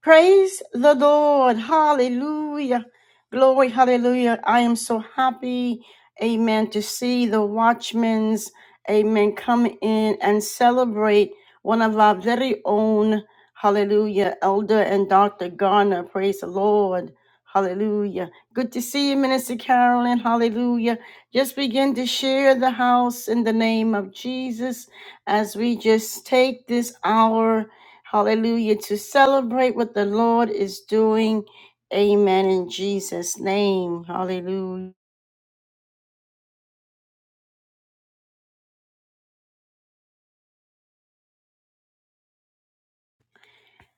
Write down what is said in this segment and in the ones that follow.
Praise the Lord. Hallelujah. Glory. Hallelujah. I am so happy. Amen. To see the watchmen's, amen, come in and celebrate one of our very own, hallelujah, Elder and Dr. Garner. Praise the Lord. Hallelujah. Good to see you, Minister Carolyn. Hallelujah. Just begin to share the house in the name of Jesus as we just take this hour. Hallelujah. To celebrate what the Lord is doing. Amen. In Jesus' name. Hallelujah.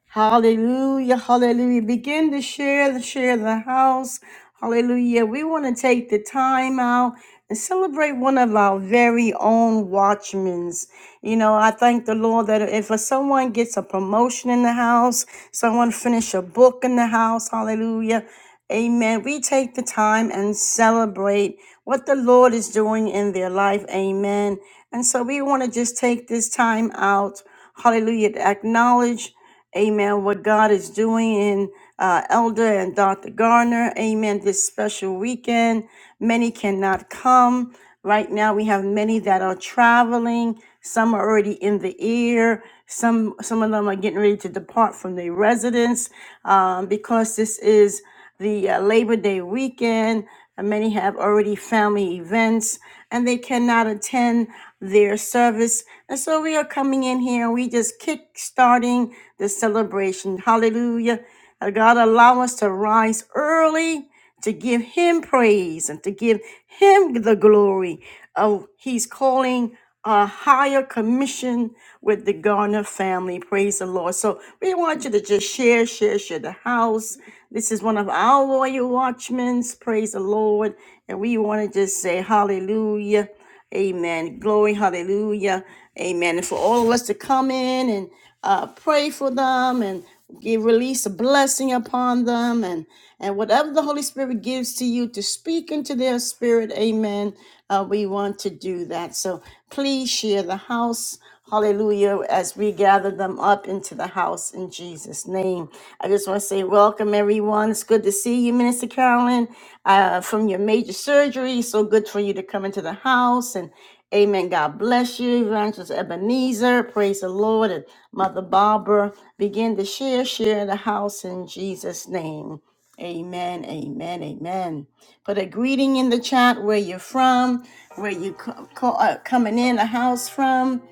Hallelujah, hallelujah. Begin to share the share the house. Hallelujah. We want to take the time out and celebrate one of our very own watchmen. You know, I thank the Lord that if someone gets a promotion in the house, someone finish a book in the house, hallelujah. Amen. We take the time and celebrate what the Lord is doing in their life. Amen. And so we want to just take this time out, hallelujah, to acknowledge. Amen. What God is doing in uh, Elder and Dr. Garner. Amen. This special weekend. Many cannot come. Right now, we have many that are traveling. Some are already in the air. Some some of them are getting ready to depart from their residence um, because this is the uh, Labor Day weekend. and Many have already family events and they cannot attend their service. And so we are coming in here. We just kick starting the celebration. Hallelujah. Uh, God allow us to rise early to give him praise and to give him the glory. Oh, he's calling a higher commission with the Garner family. Praise the Lord. So we want you to just share, share, share the house. This is one of our royal watchmen. Praise the Lord. And we want to just say hallelujah. Amen. Glory, hallelujah. Amen. And for all of us to come in and uh, pray for them and give release a blessing upon them and and whatever the Holy Spirit gives to you to speak into their spirit, amen. Uh, we want to do that. So please share the house. Hallelujah. As we gather them up into the house in Jesus' name. I just want to say welcome, everyone. It's good to see you, Minister Carolyn, uh, from your major surgery. So good for you to come into the house. And amen. God bless you, Evangelist Ebenezer. Praise the Lord. And Mother Barbara, begin to share, share the house in Jesus' name. Amen, amen, amen. Put a greeting in the chat where you're from, where you co- co- uh, coming in the house from.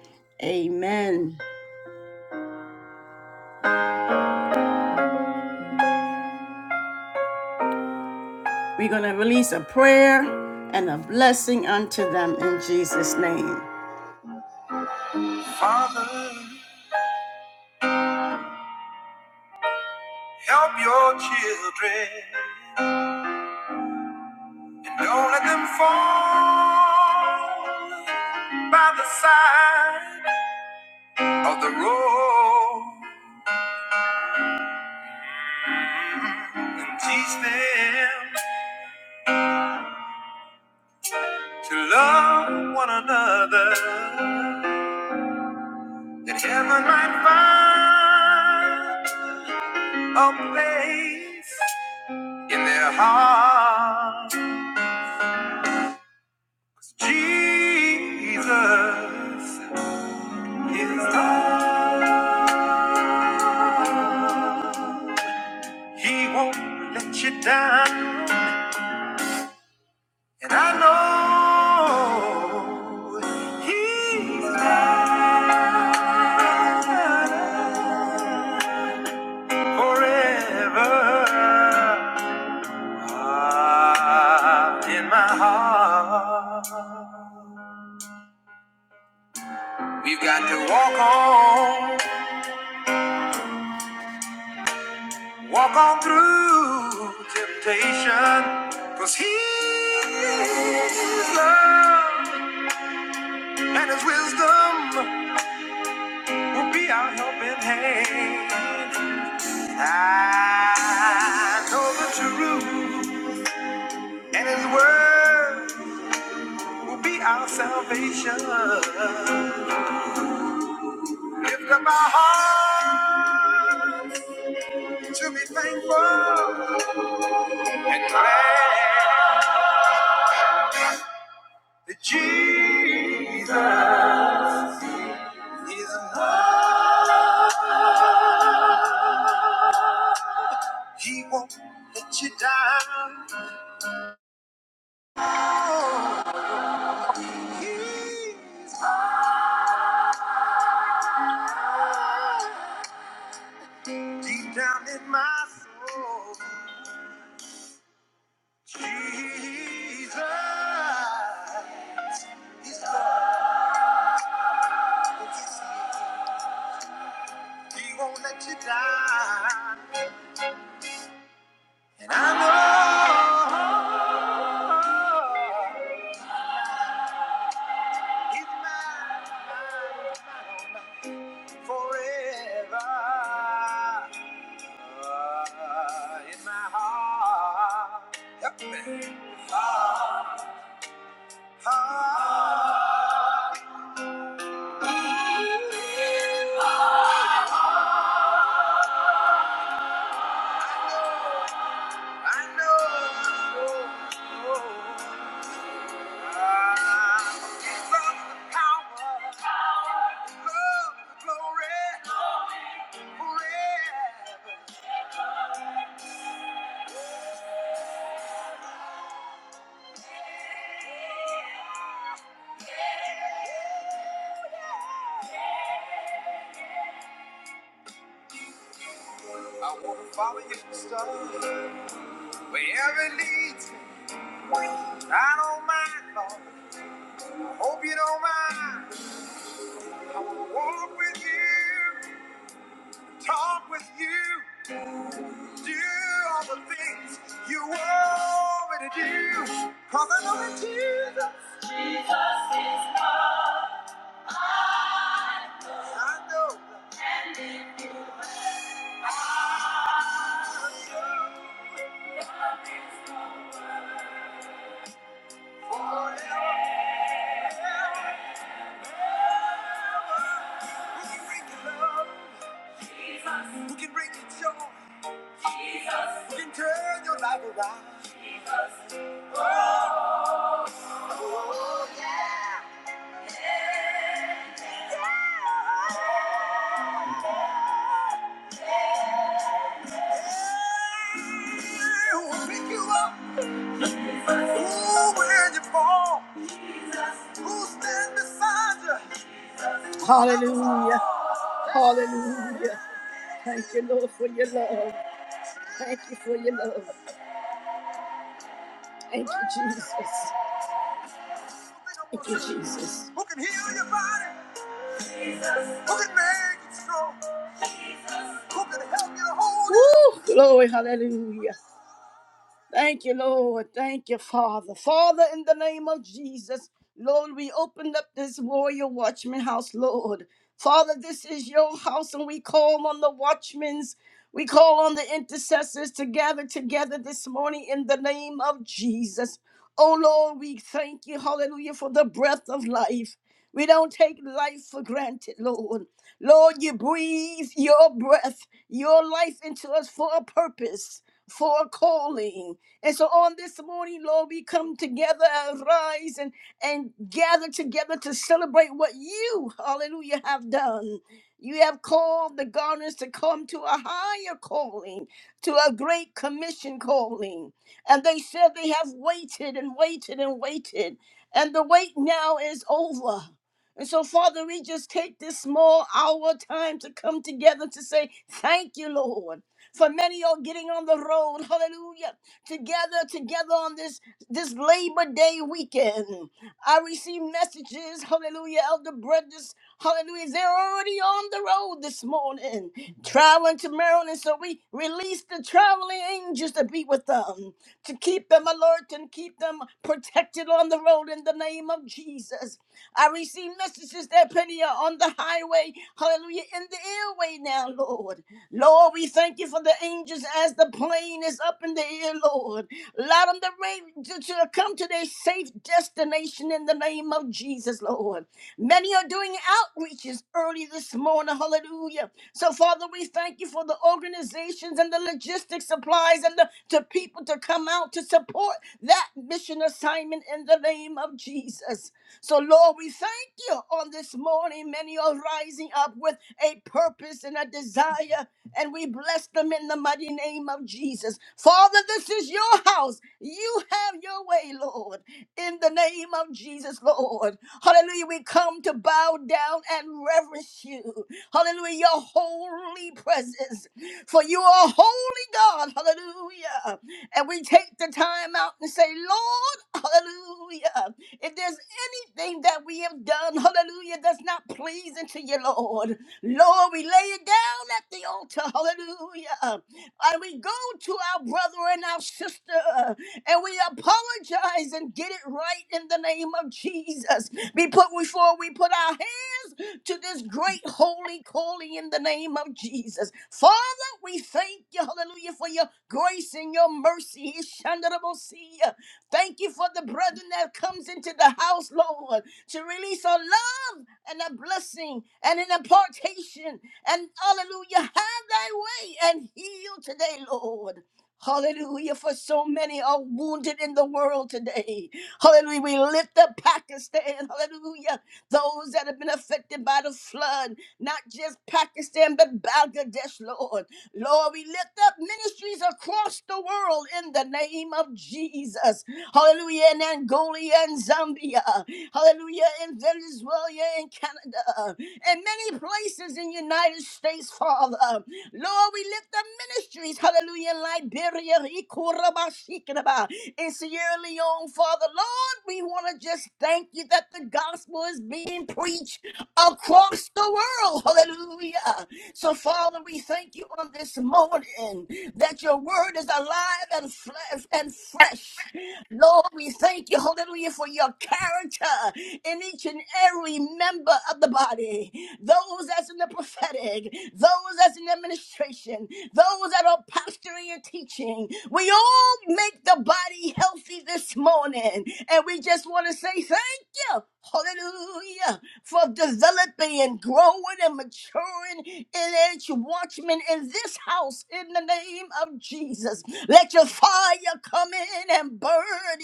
Amen. We're going to release a prayer and a blessing unto them in Jesus' name. Father, help your children and don't let them fall by the side of the road and teach them to love one another that heaven might find a place in their hearts. Jesus is love. He won't let you down, and I know He's mine forever. Ah, in my heart. We've got to walk on, walk on through temptation. 'Cause Cause he is love and his wisdom will be our helping hand. I know the truth and his word will be our salvation. Lift up our heart to be thankful and glad. Jesus is love. He won't let you down. Oh, he's deep down in my soul. Jesus is love. He won't let you down. And I know he's mine, mine, mine, mine forever. Uh, in my heart. Help me. Heart, heart, I know. It's of the power, love, the glory, forever. I want to follow you, star, wherever it leads me. I don't mind, Lord. I hope you don't mind. I want to walk with you, talk with you. Do all the things you want me to do. Cause I know that Jesus, I know. Who can bring you love? Who can bring you joy? Who can turn your life around? Good Yeah, Who will pick you up? Who when you fall? Who stand beside you? Hallelujah. Hallelujah. Thank you, Lord, for your love. Thank you for your love. Thank you, Jesus. Thank you, Jesus. Who can heal your body? Who can make it strong? Who can help you to hold it? Woo! Glory, hallelujah. Thank you, Lord. Thank you, Father. Father, in the name of Jesus, Lord, we opened up this warrior watchman house, Lord. Father, this is your house, and we call on the watchmen's. We call on the intercessors to gather together this morning in the name of Jesus. Oh Lord, we thank you, hallelujah, for the breath of life. We don't take life for granted, Lord. Lord, you breathe your breath, your life into us for a purpose, for a calling. And so on this morning, Lord, we come together, rise and, and gather together to celebrate what you, hallelujah, have done. You have called the gardeners to come to a higher calling, to a great commission calling. And they said they have waited and waited and waited. And the wait now is over. And so, Father, we just take this small hour time to come together to say, Thank you, Lord. For many are getting on the road, hallelujah, together, together on this, this Labor Day weekend. I receive messages, hallelujah, Elder Brothers, hallelujah, they're already on the road this morning, traveling to Maryland. So we release the traveling angels to be with them, to keep them alert and keep them protected on the road in the name of Jesus. I receive messages that Penny are on the highway, hallelujah, in the airway now, Lord. Lord, we thank you for the angels as the plane is up in the air, Lord. Allow them to, ra- to, to come to their safe destination in the name of Jesus, Lord. Many are doing outreaches early this morning, hallelujah. So, Father, we thank you for the organization operations and the logistics supplies and the to people to come out to support that mission assignment in the name of Jesus. So, Lord, we thank you on this morning. Many are rising up with a purpose and a desire. And we bless them in the mighty name of Jesus. Father, this is your house. You have your way, Lord. In the name of Jesus, Lord. Hallelujah. We come to bow down and reverence you. Hallelujah. Your holy presence. For you are holy God. Hallelujah. And we take the time out and say, Lord, hallelujah. If there's anything that we have done, hallelujah, that's not pleasing to you, Lord. Lord, we lay it down at the altar. Hallelujah. And we go to our brother and our sister and we apologize and get it right right in the name of Jesus. Be put before we put our hands to this great holy calling in the name of Jesus. Father, we thank you, hallelujah, for your grace and your mercy. Ishandarabosia. Thank you for the brethren that comes into the house, Lord, to release a love and a blessing and an impartation. And hallelujah, have thy way and heal today, Lord. Hallelujah, for so many are wounded in the world today. Hallelujah, we lift up Pakistan. Hallelujah, those that have been affected by the flood, not just Pakistan, but Bangladesh, Lord. Lord, we lift up ministries across the world in the name of Jesus. Hallelujah, in Angola and Zambia. Hallelujah, in Venezuela and Canada. And many places in United States, Father. Lord, we lift up ministries, hallelujah, in Liberia, Ikorabashikinaba, in Sierra Leone, Father Lord, we want to just thank you that the gospel is being preached across the world. Hallelujah. So, Father, we thank you on this morning that your word is alive and, fle- and fresh. Lord, we thank you, hallelujah, for your character in each and every member of the body. Those that's in the prophetic, those that's in administration, those that are pastoring earlier teaching. We all make the body healthy this morning. And we just want to say thank you. Hallelujah. For developing and growing and maturing in each watchman in this house in the name of Jesus. Let your fire come in and burn.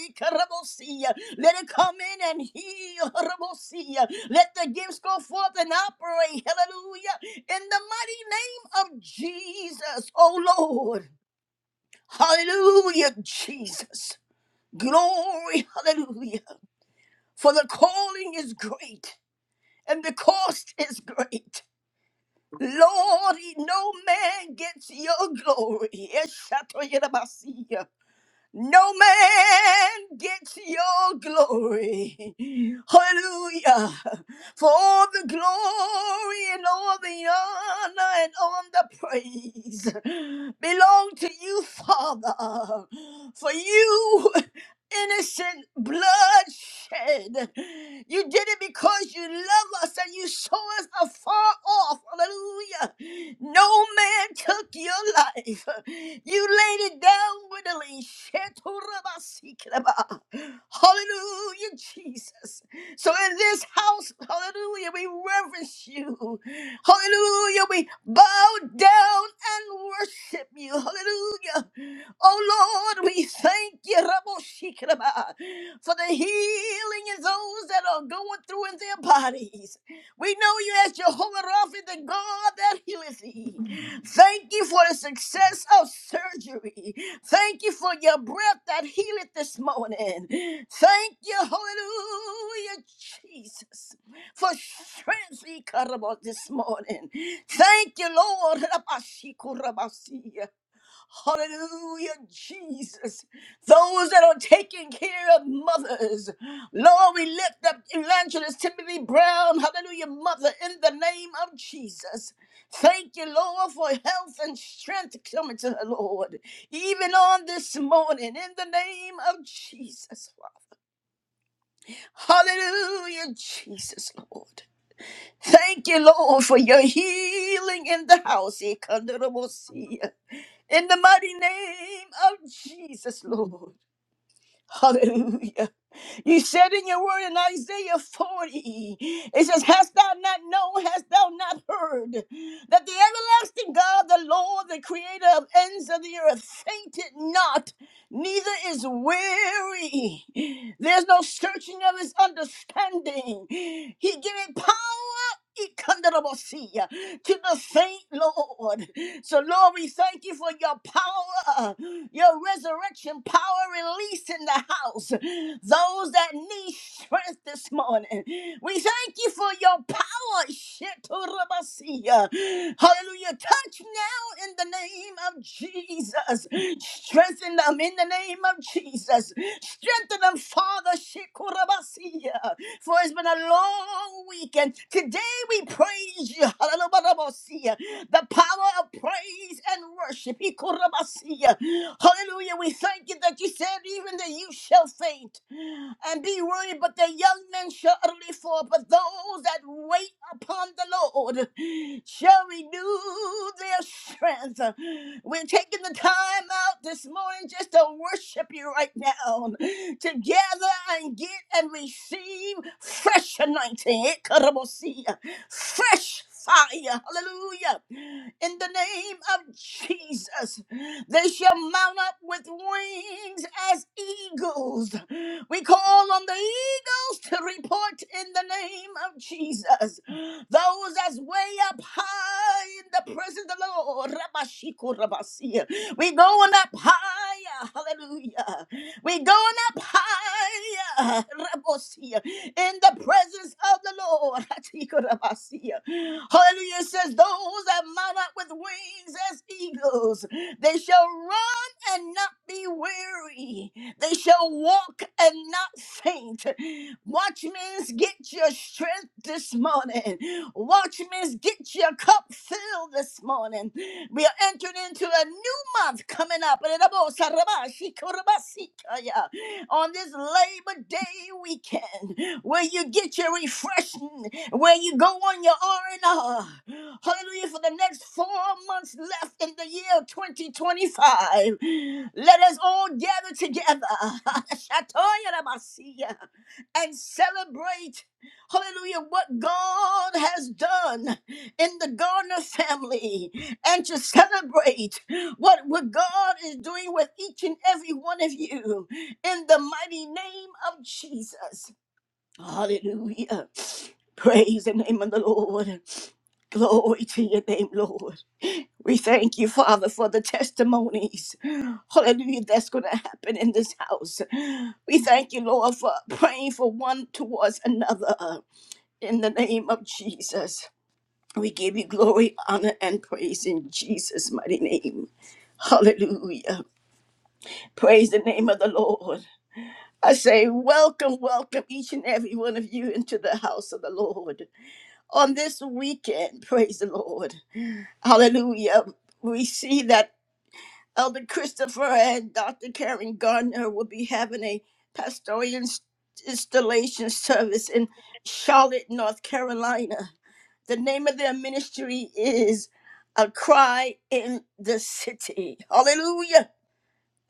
Ikarabosia. Let it come in and heal. Ikarabosia. Let the gifts go forth and operate. Hallelujah. In the mighty name of Jesus, oh Lord. Hallelujah, Jesus. Glory, hallelujah. For the calling is great and the cost is great. Lord, no man gets your glory. Eshatoyerabasiya. No man gets your glory. Hallelujah. For all the glory and all the honor and all the praise belong to you, Father. For you innocent blood shed, You did it because you love us and you saw us afar off. Hallelujah. No man took your life. You laid it down willingly. Shetorabasikraba. Hallelujah, Jesus. So in this house, hallelujah, we reverence you. Hallelujah, we bow down and worship you. Hallelujah. Oh Lord, we thank you Raboshikiraba, for the healing in those that are going through in their bodies. We know you as Jehovah Rapha, the God that healeth thee. Thank you for the success of surgery. Thank you for your breath that healeth this morning. Thank you, hallelujah, Jesus, for strength we cut about this morning. Thank you, Lord. Rabashikurabasi. Hallelujah, Jesus. Those that are taking care of mothers. Lord, we lift up Evangelist Timothy Brown, hallelujah, mother, in the name of Jesus. Thank you, Lord, for health and strength coming to her, Lord, even on this morning, in the name of Jesus, Father. Hallelujah, Jesus, Lord. Thank you, Lord, for your healing in the house. In the mighty name of Jesus, Lord. Hallelujah. You said in your word in Isaiah 40, it says, Hast thou not known, hast thou not heard that the everlasting God, the Lord, the creator of ends of the earth, fainted not, neither is weary. There's no searching of his understanding. He giveth power. Ikandarabosia, To the faint, Lord. So, Lord, we thank you for your power, uh, your resurrection power released in the house. Those that need strength this morning, we thank you for your power. Shetorabasiya. Hallelujah. Touch now in the name of Jesus. Strengthen them in the name of Jesus. Strengthen them, Father. Shekorabasiya. For it's been a long weekend. Today we praise you. Hallelujah. The power of praise and worship. Ikorabasiya. Hallelujah. We thank you that you said even the youth shall faint and be weary, but the young men shall utterly fall. But those that wait upon the Lord shall renew their strength. We're taking the time out this morning just to worship you right now together gather and get and receive fresh anointing. It could Fresh fire. Hallelujah. In the name of Jesus, they shall mount up with wings as eagles. We call on the eagles to report in the name of Jesus. Those that's way up high in the presence of the Lord. Rabashiko Rabasi. We going up higher. Hallelujah. We going up higher. Rabosia. In the presence of the Lord. Hatikorabasia. Hallelujah. It says, Those that mount up with wings as eagles, they shall run and not be weary. They shall walk and not faint. Watchmen, get your strength this morning which means get your cup filled this morning. We are entering into a new month coming up. On this Labor Day weekend, where you get your refreshing, where you go on your R&R. Hallelujah, for the next four months left in the year 2025. Let us all gather together and celebrate Hallelujah, what God has done in the Gardner family and to celebrate what, what God is doing with each and every one of you in the mighty name of Jesus. Hallelujah. Praise the name of the Lord. Glory to your name, Lord. We thank you, Father, for the testimonies. Hallelujah, that's going to happen in this house. We thank you, Lord, for praying for one towards another. In the name of Jesus, we give you glory, honor, and praise in Jesus' mighty name. Hallelujah. Praise the name of the Lord. I say, welcome, welcome each and every one of you into the house of the Lord. On this weekend, praise the Lord. Hallelujah. We see that Elder Christopher and Dr. Karen Gardner will be having a pastoral installation service in Charlotte, North Carolina. The name of their ministry is A Cry in the City. Hallelujah.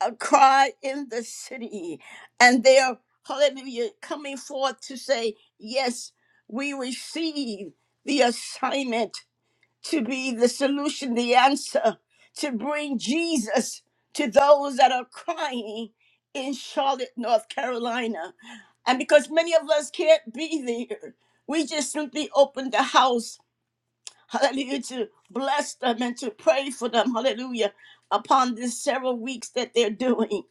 A Cry in the City. And they are, hallelujah, coming forth to say, Yes, we receive the assignment to be the solution, the answer, to bring Jesus to those that are crying in Charlotte, North Carolina. And because many of us can't be there, we just simply opened the house hallelujah, to bless them and to pray for them, hallelujah, upon these several weeks that they're doing.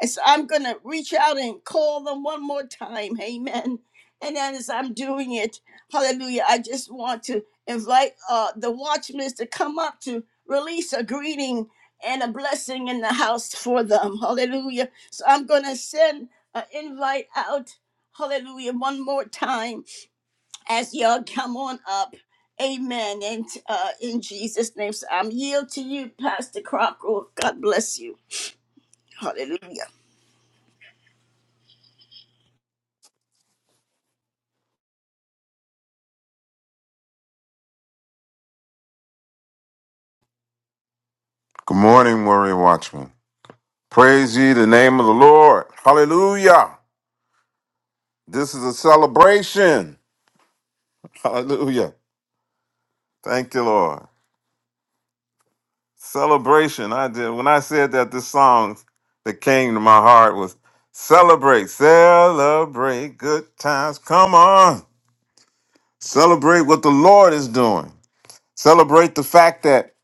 And so I'm going to reach out and call them one more time, amen. And then as I'm doing it, hallelujah, I just want to invite uh, the watchmen to come up to release a greeting and a blessing in the house for them, hallelujah. So I'm going to send an invite out, hallelujah, one more time as y'all come on up. Amen. And uh, in Jesus' name, so I'm yield to you, Pastor Crocker. God bless you. Hallelujah. morning, Warrior Watchman. Pray, Lord. Hallelujah. This celebration. Hallelujah. Thank you, Lord. Celebration. I did. When I said that, the song that came to my heart was Celebrate, celebrate good times. Come on. Celebrate what the Lord is doing. Celebrate the fact that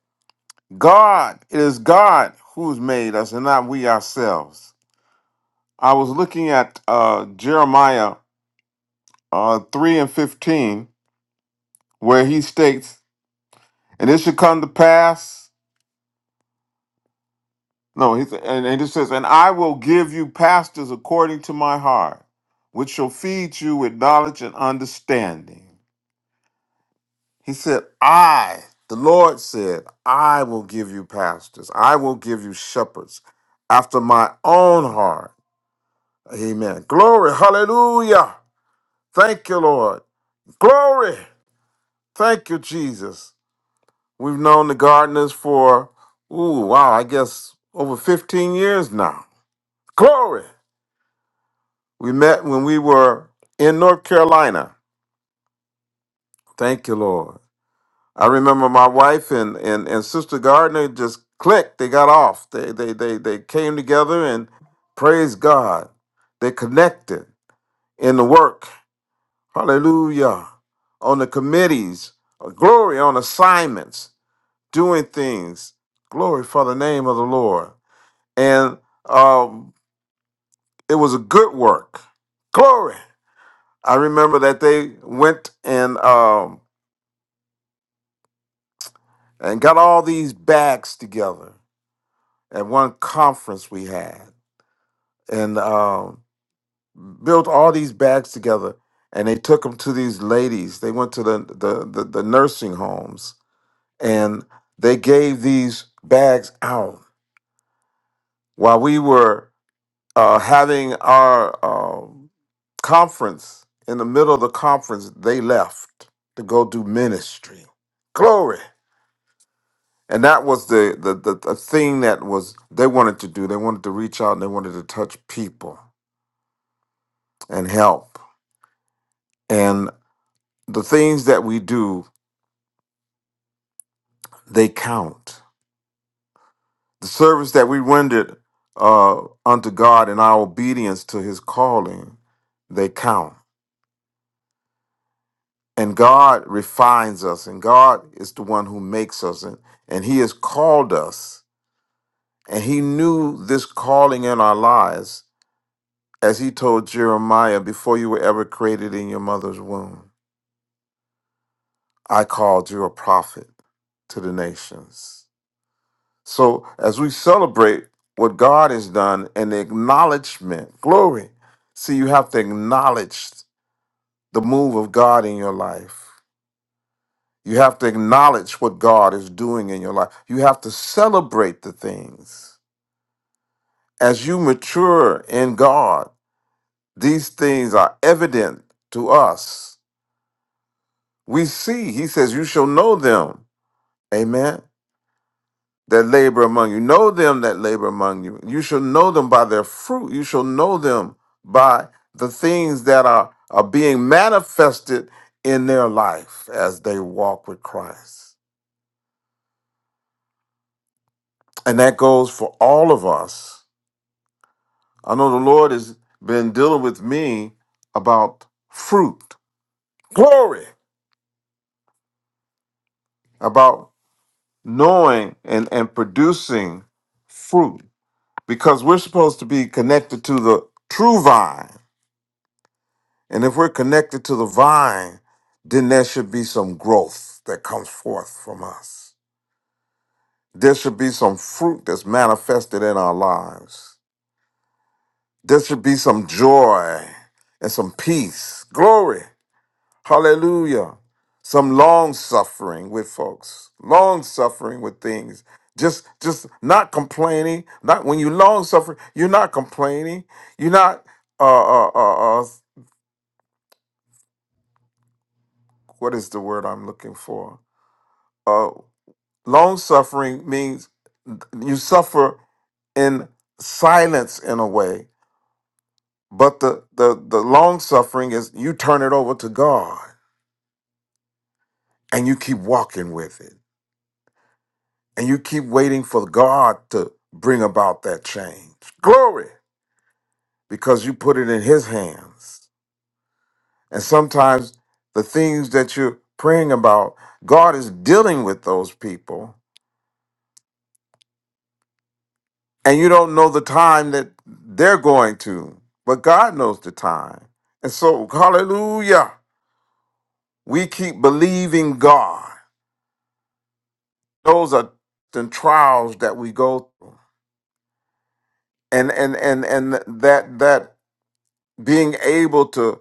God, it is God who's made us and not we ourselves. I was looking at uh, Jeremiah uh, 3 and 15, where he states, And it should come to pass. No, he said, and, and it says, And I will give you pastors according to my heart, which shall feed you with knowledge and understanding. He said, I, the Lord said, I will give you pastors, I will give you shepherds after my own heart. Amen. Glory. Hallelujah. Thank you, Lord. Glory. Thank you, Jesus. We've known the gardeners for, ooh, wow, I guess over 15 years now. Glory! We met when we were in North Carolina. Thank you, Lord. I remember my wife and, and, and Sister Gardner just clicked. They got off. They, they, they, they came together and praise God. They connected in the work. Hallelujah. On the committees. Glory on assignments. Doing things. Glory for the name of the Lord. and um, it was a good work. Glory! I remember that they went and um, and got all these bags together at one conference we had, and um, built all these bags together, and they took them to these ladies. They went to the the, the, the nursing homes, and they gave these bags out while we were. uh, having our um, conference in the middle of the conference they left to go do ministry glory and that was the, the the the thing that was they wanted to do they wanted to reach out and they wanted to touch people and help and the things that we do they count the service that we rendered uh unto god in our obedience to his calling they count and God refines us, and God is the one who makes us, and, and He has called us, and He knew this calling in our lives, as He told Jeremiah, before you were ever created in your mother's womb, I called you a prophet to the nations. So as we celebrate what God has done and the acknowledgement, glory. See, you have to acknowledge the move of God in your life. You have to acknowledge what God is doing in your life. You have to celebrate the things. As you mature in God, these things are evident to us. We see, He says, You shall know them. Amen. That labor among you. Know them that labor among you. You shall know them by their fruit. You shall know them by the things that are, are being manifested in their life as they walk with Christ. And that goes for all of us I know the Lord has been dealing with me about fruit, glory, about knowing and, and producing fruit because we're supposed to be connected to the true vine. And if we're connected to the vine, then there should be some growth that comes forth from us. There should be some fruit that's manifested in our lives. There should be some joy and some peace. Glory Hallelujah. Some long suffering with folks. Long suffering with things. Just just not complaining. Not when you long suffering, you're not complaining. You're not uh uh uh, uh what is the word I'm looking for? Uh long suffering means you suffer in silence in a way. But the the the long suffering is you turn it over to God and you keep walking with it. And you keep waiting for God to bring about that change. Glory, because you put it in His hands. And sometimes the things that you're praying about, God is dealing with those people, and you don't know the time that they're going to, but God knows the time. And so, hallelujah, we keep believing God. Those are the trials that we go through. And and and and that that being able to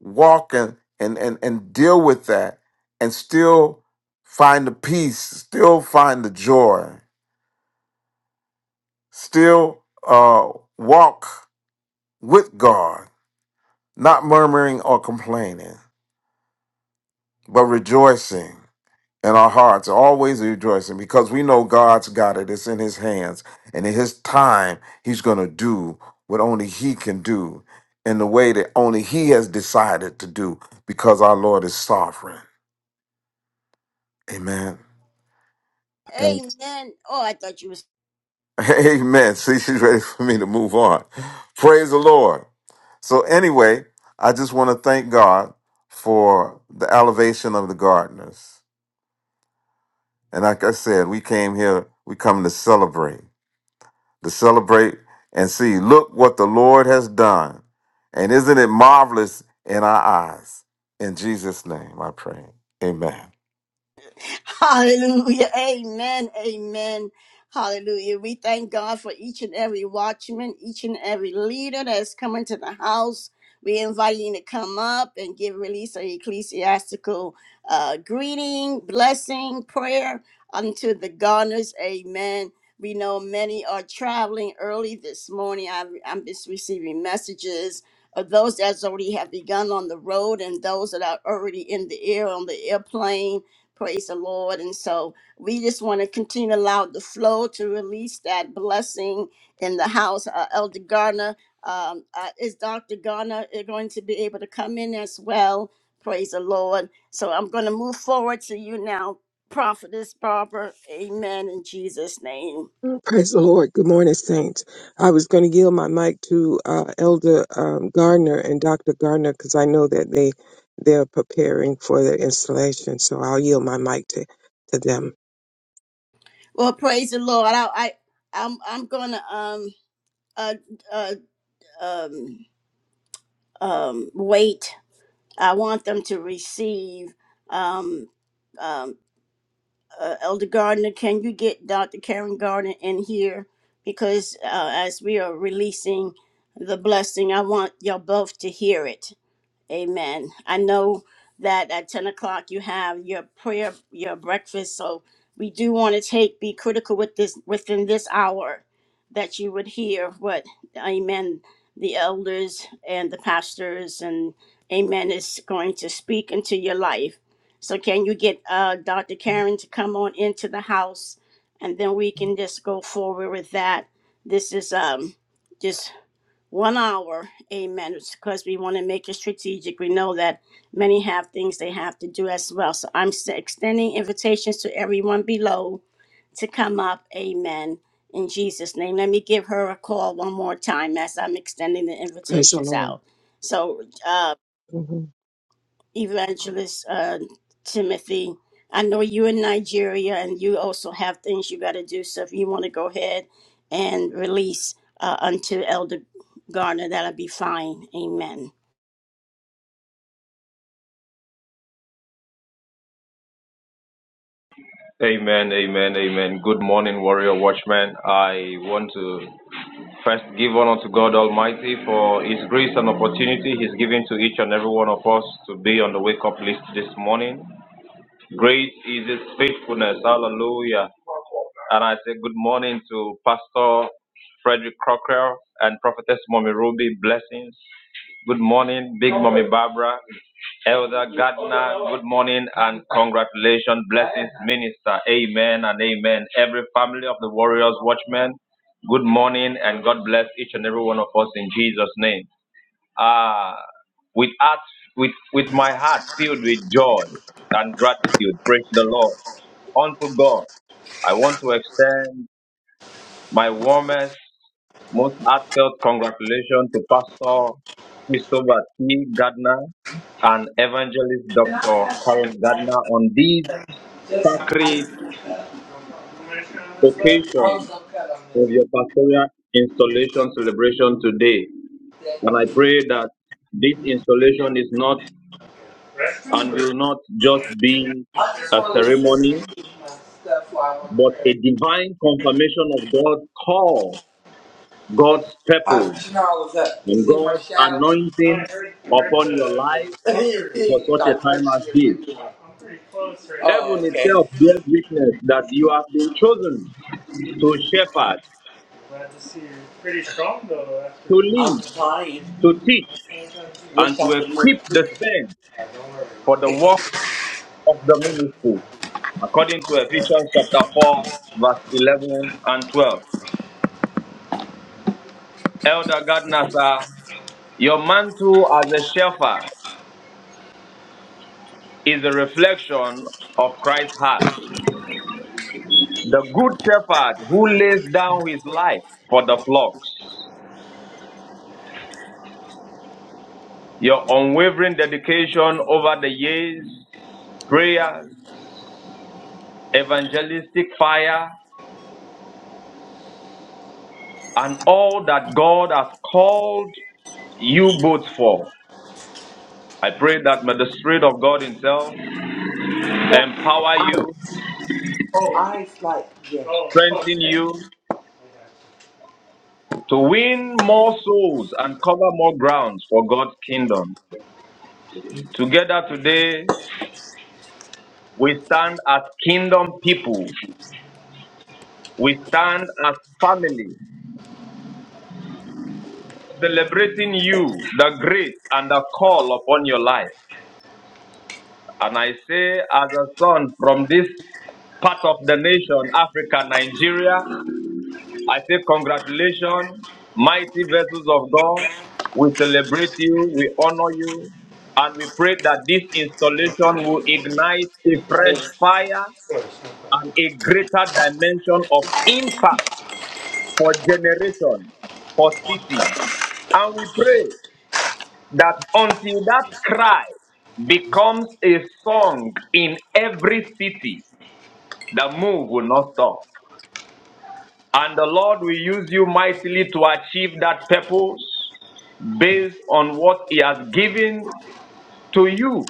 walk and and and, and deal with that and still find the peace still find the joy still uh walk with god not murmuring or complaining but rejoicing in our hearts always rejoicing because we know god's got it it's in his hands and in his time he's going to do what only he can do in the way that only he has decided to do because our lord is sovereign amen Amen. Oh, I thought you was. Amen. See, she's ready for me to move on. Praise the Lord. So, anyway, I just want to thank God for the elevation of the gardeners. And like I said, we came here, we come to celebrate, to celebrate and see, look what the Lord has done. And isn't it marvelous in our eyes? In Jesus' name, I pray. Amen. Hallelujah. Amen. Amen. Hallelujah. We thank God for each and every watchman, each and every leader that's coming to the house. We invite you to come up and give release an ecclesiastical uh, greeting, blessing, prayer unto the gardeners. Amen. We know many are traveling early this morning. I've, I'm just receiving messages of those that already have begun on the road and those that are already in the air on the airplane. Praise the Lord. And so we just want to continue to allow the flow to release that blessing in the house. Uh, Elder Garner, um, uh, is Dr. Garner uh, going to be able to come in as well? Praise the Lord. So I'm going to move forward to you now, Prophetess Barbara. Amen. In Jesus' name. Praise the Lord. Good morning, Saints. I was going to yield my mic to uh, Elder um, Gardner and Dr. Gardner because I know that they they're preparing for their installation. So I'll yield my mic to, to them. Well, praise the Lord. I, I I'm I'm going to um uh, uh um um wait. I want them to receive um um, uh, Elder Gardner, can you get Dr. Karen Gardner in here? Because uh, as we are releasing the blessing, I want y'all both to hear it. Amen. I know that at 10 o'clock you have your prayer, your breakfast. So we do want to take, be critical with this within this hour that you would hear what, amen, the elders and the pastors and amen is going to speak into your life. So can you get uh, Dr. Karen to come on into the house and then we can just go forward with that. This is um just one hour amen because we want to make it strategic we know that many have things they have to do as well so i'm s- extending invitations to everyone below to come up amen in jesus name let me give her a call one more time as i'm extending the Praise the invitations Lord. out so uh, hmm Evangelist uh, Timothy, I know you're in Nigeria and you also have things you got to do. So if you want to go ahead and release uh, unto Elder Garner, that'll be fine. Amen. Amen, amen, amen. Good morning, warrior Watchman. I want to first give honor to God Almighty for His grace and opportunity He's given to each and every one of us to be on the wake up list this morning. Great is His faithfulness. Hallelujah. And I say good morning to Pastor Frederick Crocker and Prophetess Mommy Ruby. Blessings. Good morning, Big Mommy Barbara, Elder Gardner. Good morning and congratulations, blessings, Minister. Amen and amen. Every family of the Warriors Watchmen, good morning and God bless each and every one of us in Jesus' name. Ah, with heart, with with my heart filled with joy and gratitude, praise the Lord. Unto God, I want to extend. My warmest, most heartfelt congratulations to Pastor Christopher T. Gardner and Evangelist Can I Dr. have some Karen ice? Gardner on this Just some sacred ice cream cup. occasion Also cut on of this one. your pastoral installation celebration today. Thank And I you. pray that this installation is not Restroom and or you will not just just wanted to sit down? be I just a want to sit ceremony, and eat my stuff while I'm but praying. a divine confirmation of God's call, God's How did purpose, you know I was up? You and see my God's shadow? Oh, I anointing heard, I heard upon your the, life the You're for such a like, what time is as she in there this. doing? I'm pretty close right now. Heaven Oh, okay. itself bears witness that you have been chosen to shepherd, Glad to see you pretty strong though after. to I'm lead, trying. to teach, and Wish I to could move equip the quicker. saints for the work of the ministry, according to Yeah. Ephesians chapter 4, verse 11 and 12. Elder Gardner, sir, your mantle as a shepherd is a reflection of Christ's heart. The good shepherd who lays down his life for the flocks. Your unwavering dedication over the years, prayers, evangelistic fire, and all that God has called you both for. I pray that may the Spirit of God Himself empower I, you, Oh, eyes like, yeah. oh, strengthen okay. you to win more souls and cover more grounds for God's kingdom. Together today, we stand as kingdom people We stand as family celebrating you, the grace and the call upon your life. And I say, as a son from this part of the nation, Africa, Nigeria, I say, congratulations, mighty vessels of God. We celebrate you, we honor you, and we pray that this installation will ignite a fresh Praise fire and a greater dimension of impact for generations, for cities. And we pray that until that cry becomes a song in every city, the move will not stop. And the Lord will use you mightily to achieve that purpose based on what He has given to you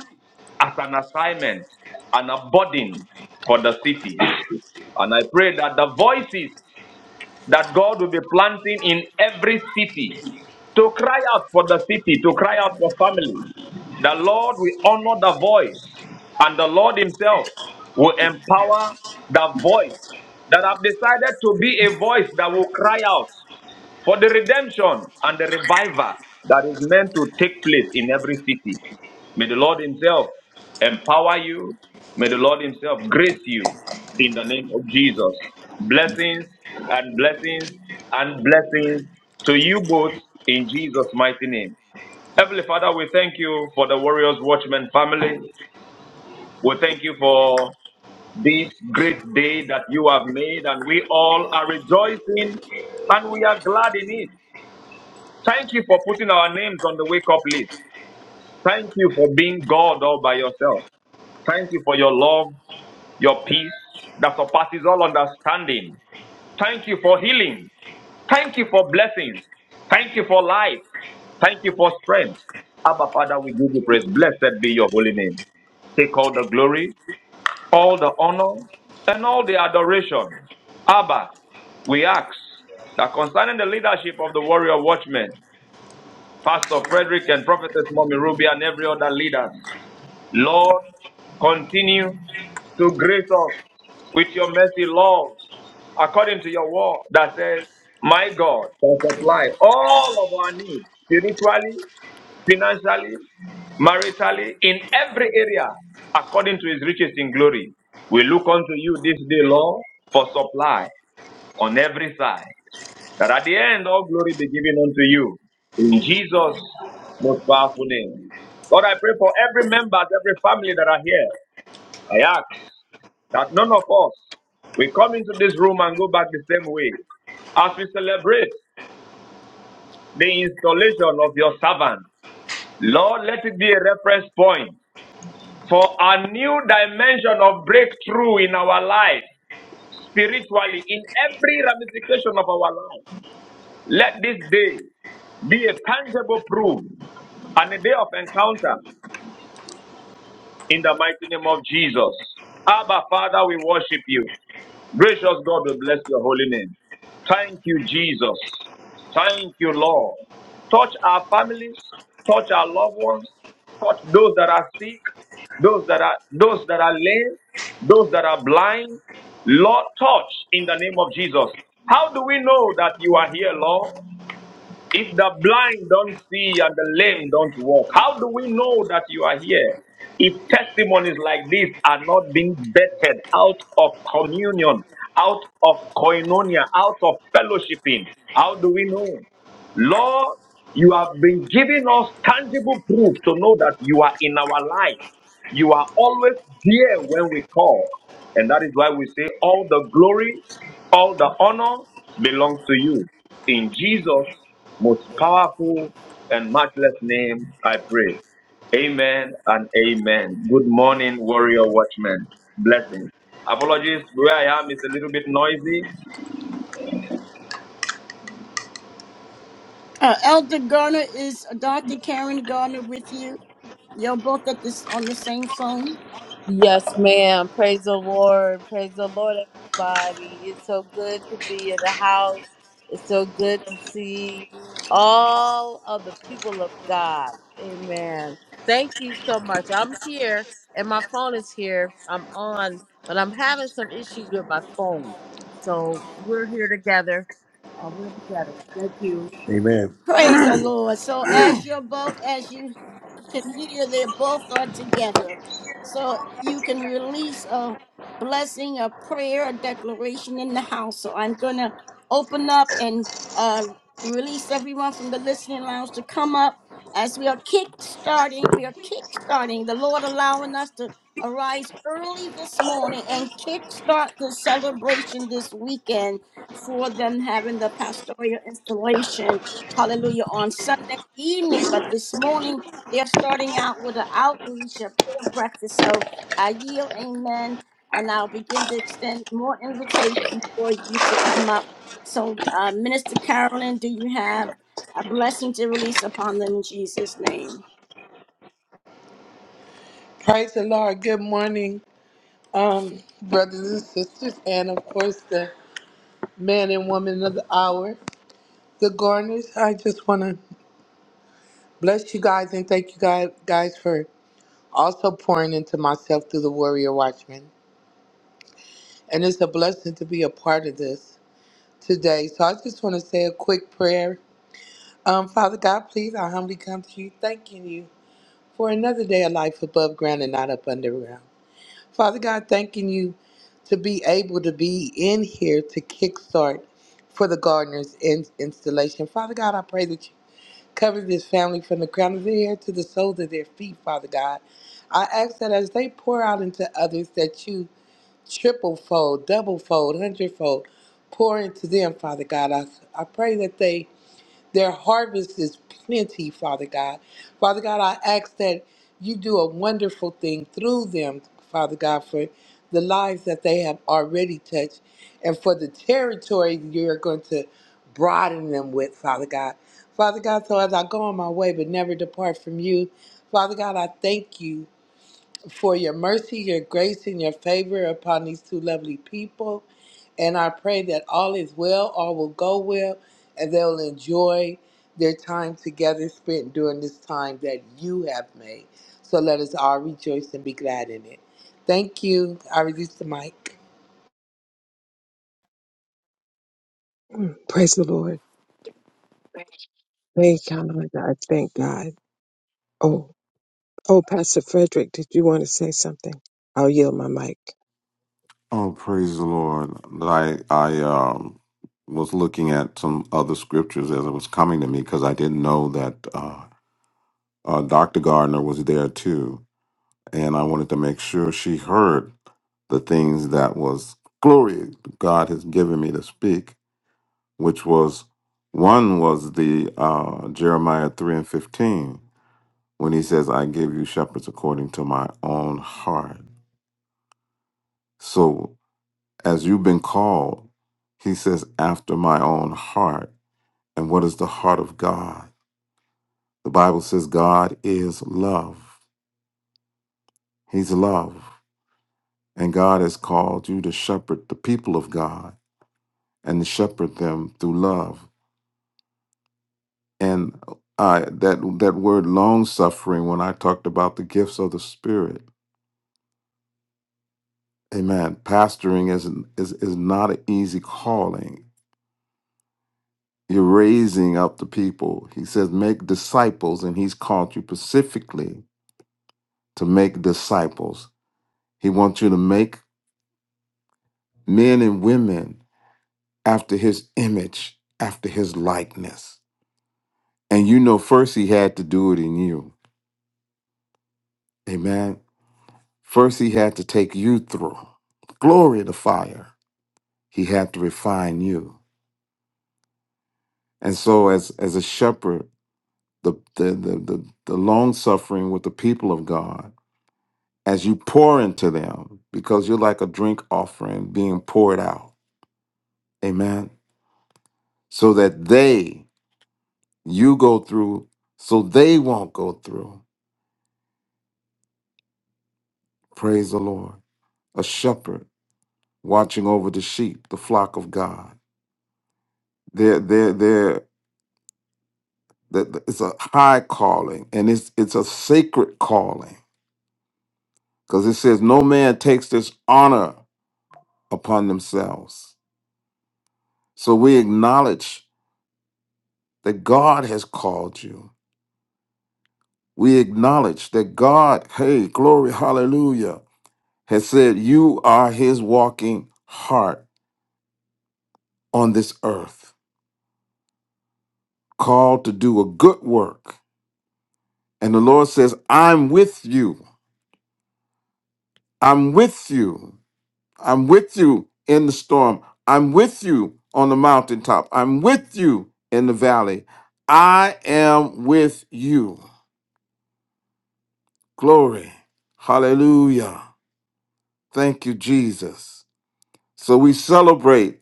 as an assignment and a burden for the city. And I pray that the voices that God will be planting in every city to cry out for the city, to cry out for families. The Lord will honor the voice, and the Lord Himself will empower the voice that have decided to be a voice that will cry out for the redemption and the revival that is meant to take place in every city. May the Lord Himself empower you. May the Lord Himself grace you in the name of Jesus. Blessings and blessings and blessings to you both in Jesus' mighty name. Heavenly Father, we thank you for the Warriors Watchmen family. We thank you for this great day that you have made, and we all are rejoicing and we are glad in it. Thank you for putting our names on the wake up list. Thank you for being God all by yourself. Thank you for your love, your peace that surpasses all understanding. Thank you for healing. Thank you for blessings. Thank you for life. Thank you for strength. Abba, Father, we give you praise. Blessed be your holy name. Take all the glory, all the honor, and all the adoration. Abba, we ask that concerning the leadership of the warrior watchmen, Pastor Frederick and Prophetess Mommy Ruby and every other leader. Lord, continue to grace us with your mercy, Lord, according to your word that says, My God can supply all of our needs spiritually, financially, maritally, in every area, according to his riches in glory. We look unto you this day, Lord, for supply on every side. That at the end, all glory be given unto you. In Jesus' most powerful name. Lord, I pray for every member, every family that are here. I ask that none of us we come into this room and go back the same way. As we celebrate the installation of your servant, Lord, let it be a reference point for a new dimension of breakthrough in our life, spiritually, in every ramification of our life. Let this day be a tangible proof and a day of encounter in the mighty name of Jesus. Abba, Father, we worship you. Gracious God, we bless your holy name. Thank you, Jesus. Thank you, Lord. Touch our families, touch our loved ones, touch those that are sick, those that are those that are lame, those that are blind. Lord, touch in the name of Jesus. How do we know that you are here, Lord? If the blind don't see and the lame don't walk, how do we know that you are here? If testimonies like this are not being vetted out of communion, out of koinonia, out of fellowshipping, how do we know? Lord, you have been giving us tangible proof to know that you are in our life. You are always there when we call. And that is why we say all the glory, all the honor belongs to you. In Jesus' most powerful and matchless name, I pray. Amen and amen. Good morning, warrior watchmen. Blessings. Apologies, where I am is a little bit noisy. Uh, Elder Garner is Dr. Karen Garner with you. You're both at this on the same phone. Yes, ma'am. Praise the Lord. Praise the Lord, everybody. It's so good to be in the house. It's so good to see all of the people of God. Amen. Thank you so much. I'm here and my phone is here. I'm on, but I'm having some issues with my phone. So we're here together. Uh, we're together. Thank you. Amen. Praise the Lord. So as you're both, as you can hear, they both are together. So you can release a blessing, a prayer, a declaration in the house. So I'm gonna open up and uh, release everyone from the listening lounge to come up as we are kick-starting. We are kick-starting. The Lord allowing us to arise early this morning and kick-start the celebration this weekend for them having the pastoral installation hallelujah, on Sunday evening. But this morning, they're starting out with an outreach, a prayer breakfast. So I yield, amen. And I'll begin to extend more invitations for you to come up. So, uh, Minister Carolyn, do you have a blessing to release upon them in Jesus' name? the Lord. Good morning, um, brothers and sisters, and of course the man and woman of the hour, the Garners. I just want to bless you guys and thank you guys, guys for also pouring into myself through the Warrior Watchman. And it's a blessing to be a part of this today. So I just want to say a quick prayer. Um, Father God, please, I humbly come to you, thanking you for another day of life above ground and not up underground. Father God, thanking you to be able to be in here to kickstart for the gardener's in- installation. Father God, I pray that you cover this family from the crown of their head to the soles of their feet, Father God. I ask that as they pour out into others, that you triple fold, double fold, hundredfold pour into them, Father God. I, I pray that they their harvest is plenty, Father God. Father God, I ask that you do a wonderful thing through them, Father God, for the lives that they have already touched and for the territory you're going to broaden them with, Father God. Father God, so as I go on my way but never depart from you, Father God, I thank you for your mercy, your grace, and your favor upon these two lovely people. And I pray that all is well, all will go well, and they'll enjoy their time together spent during this time that you have made. So let us all rejoice and be glad in it. Thank you. I release the mic. Praise the Lord. Thank God. I thank God. Oh, oh, Pastor Frederick, did you want to say something? I'll yield my mic. Oh, praise the Lord. I I um was looking at some other scriptures as it was coming to me because I didn't know that uh, uh, Dr. Gardner was there too, and I wanted to make sure she heard the things that was glory God has given me to speak, which was one was the uh, Jeremiah three and fifteen when he says, "I give you shepherds according to my own heart." So as you've been called, he says, after my own heart. And what is the heart of God? The Bible says God is love. He's love. And God has called you to shepherd the people of God and to shepherd them through love. And I that that word long suffering when I talked about the gifts of the spirit. Amen. Pastoring is is is not an easy calling You're raising up the people. He says, make disciples, and he's called you specifically to make disciples. He wants you to make men and women after his image, after his likeness. And you know, first he had to do it in you. Amen. First he had to take you through. Glory to fire. He had to refine you. And so as as a shepherd, the the the the, the long suffering with the people of God as you pour into them, because you're like a drink offering being poured out. Amen. So that they, you go through, so they won't go through. Praise the Lord. A shepherd watching over the sheep, the flock of God. They're, they're, they're, that it's a high calling and it's it's a sacred calling because it says no man takes this honor upon themselves so we acknowledge that god has called you we acknowledge that God, hey, glory, hallelujah, has said, You are his walking heart on this earth, called to do a good work. And the Lord says, I'm with you. I'm with you. I'm with you in the storm. I'm with you on the mountaintop. I'm with you in the valley. I am with you. Glory. Hallelujah. Thank you, Jesus. So we celebrate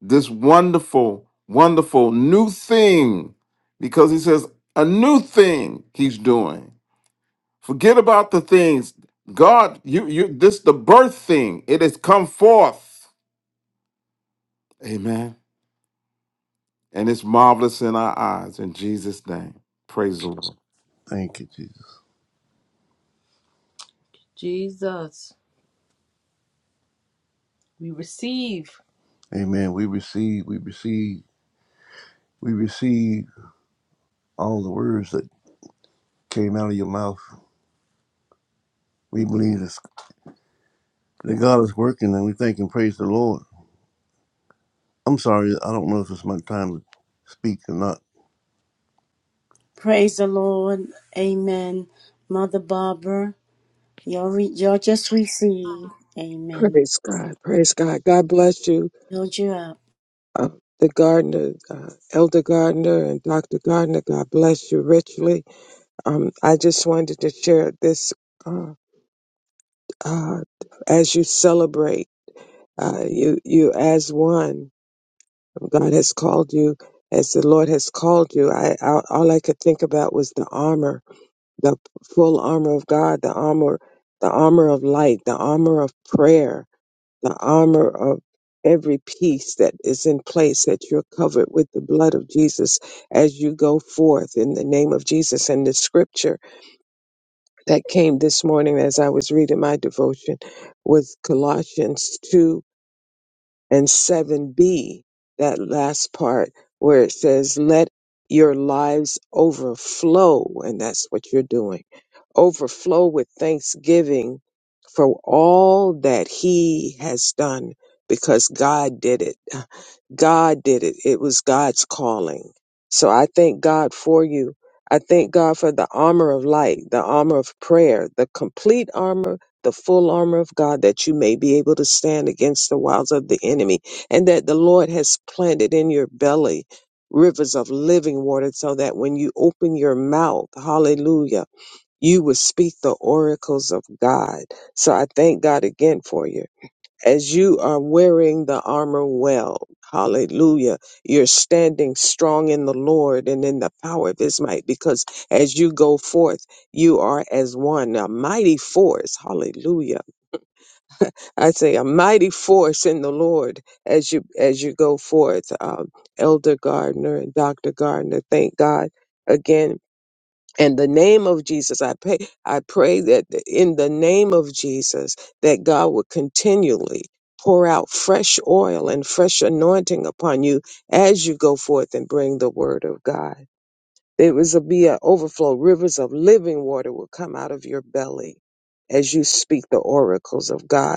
this wonderful, wonderful new thing because he says a new thing he's doing. Forget about the things God, you, you, this the birth thing. It has come forth. Amen. And it's marvelous in our eyes in Jesus' name. Praise the Lord. Thank you, Jesus. Jesus. We receive. Amen. We receive. We receive. We receive all the words that came out of your mouth. We believe this, that God is working and we thank and praise the Lord. I'm sorry, I don't know if it's my time to speak or not. Praise the Lord. Amen. Mother Barbara, you are re- you are just received, Amen. Praise God. Praise God. God bless you. Build you up. Uh, the Gardner, uh, Elder Gardner and Dr. Gardner, God bless you richly Um, I just wanted to share this uh, uh, as you celebrate, uh, you you as one. God has called you as the Lord has called you. I, I all I could think about was the armor, the full armor of God, the armor, the armor of light, the armor of prayer, the armor of every piece that is in place that you're covered with the blood of Jesus as you go forth in the name of Jesus and the scripture that came this morning as I was reading my devotion was Colossians 2 and 7b, that last part where it says, Let your lives overflow. And that's what you're doing. Overflow with thanksgiving for all that He has done because God did it. God did it. It was God's calling. So I thank God for you. I thank God for the armor of light, the armor of prayer, the complete armor, the full armor of God that you may be able to stand against the wiles of the enemy and that the Lord has planted in your belly rivers of living water so that when you open your mouth, hallelujah, you will speak the oracles of God. So I thank God again for you as you are wearing the armor well. Hallelujah. You're standing strong in the Lord and in the power of his might because as you go forth, you are as one, a mighty force. Hallelujah. I say a mighty force in the Lord as you, as you go forth. Um, Elder Gardner and Dr. Gardner, thank God again in the name of Jesus, I pray, I pray that in the name of Jesus, that God would continually pour out fresh oil and fresh anointing upon you as you go forth and bring the word of God. There is a be an overflow. Rivers of living water will come out of your belly as you speak the oracles of God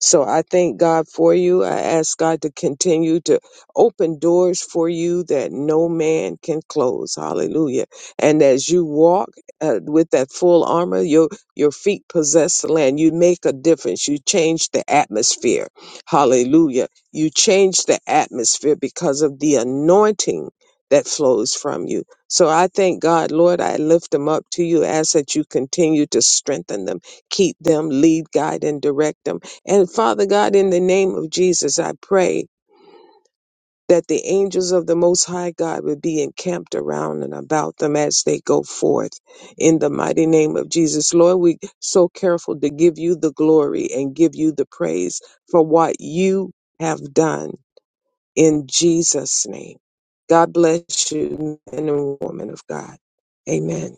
so I thank God for you. I ask God to continue to open doors for you that no man can close. Hallelujah. And as you walk uh, with that full armor, your your feet possess the land. You make a difference. You change the atmosphere. Hallelujah. You change the atmosphere because of the anointing that flows from you. So I thank God, Lord, I lift them up to you. Ask that you continue to strengthen them, keep them, lead, guide, and direct them and Father God, in the name of Jesus, I pray that the angels of the Most High God would be encamped around and about them as they go forth in the mighty name of Jesus. Lord, we so careful to give you the glory and give you the praise for what you have done in Jesus' name. God bless you, men and women of God. Amen.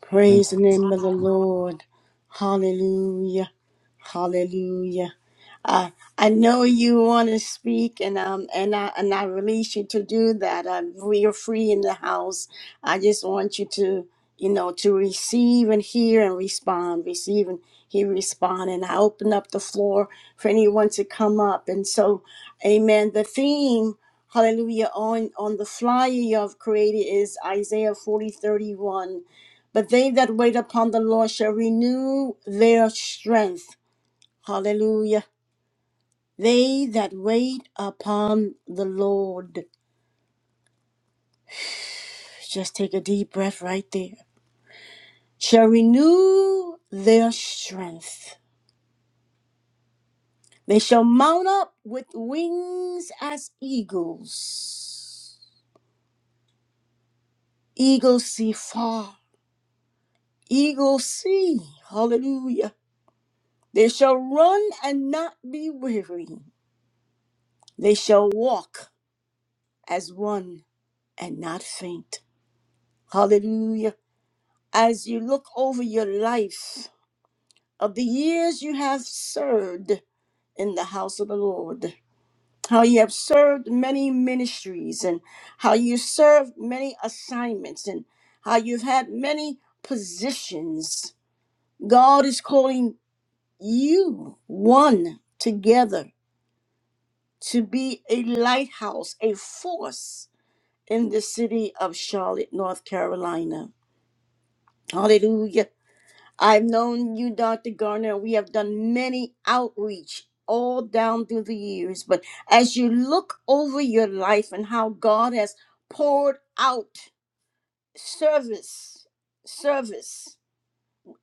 Praise the name of the Lord. Hallelujah. Hallelujah. Uh, I know you want to speak, and um, and I and I release you to do that. Um, we are free in the house. I just want you to, you know, to receive and hear and respond. Receive and hear, respond. And I open up the floor for anyone to come up. And so, Amen. The theme, Hallelujah, on on the flyer you have created is Isaiah forty thirty one. But they that wait upon the Lord shall renew their strength. Hallelujah. They that wait upon the Lord, just take a deep breath right there, shall renew their strength. They shall mount up with wings as eagles. Eagles see far. Eagles see. Hallelujah. They shall run and not be weary. They shall walk as one and not faint. Hallelujah. As you look over your life of the years you have served in the house of the Lord, how you have served many ministries and how you served many assignments and how you've had many positions. God is calling you one together to be a lighthouse, a force in the city of Charlotte, North Carolina. Hallelujah I've known you, Dr. Garner. and We have done many outreach all down through the years. But as you look over your life and how God has poured out service, service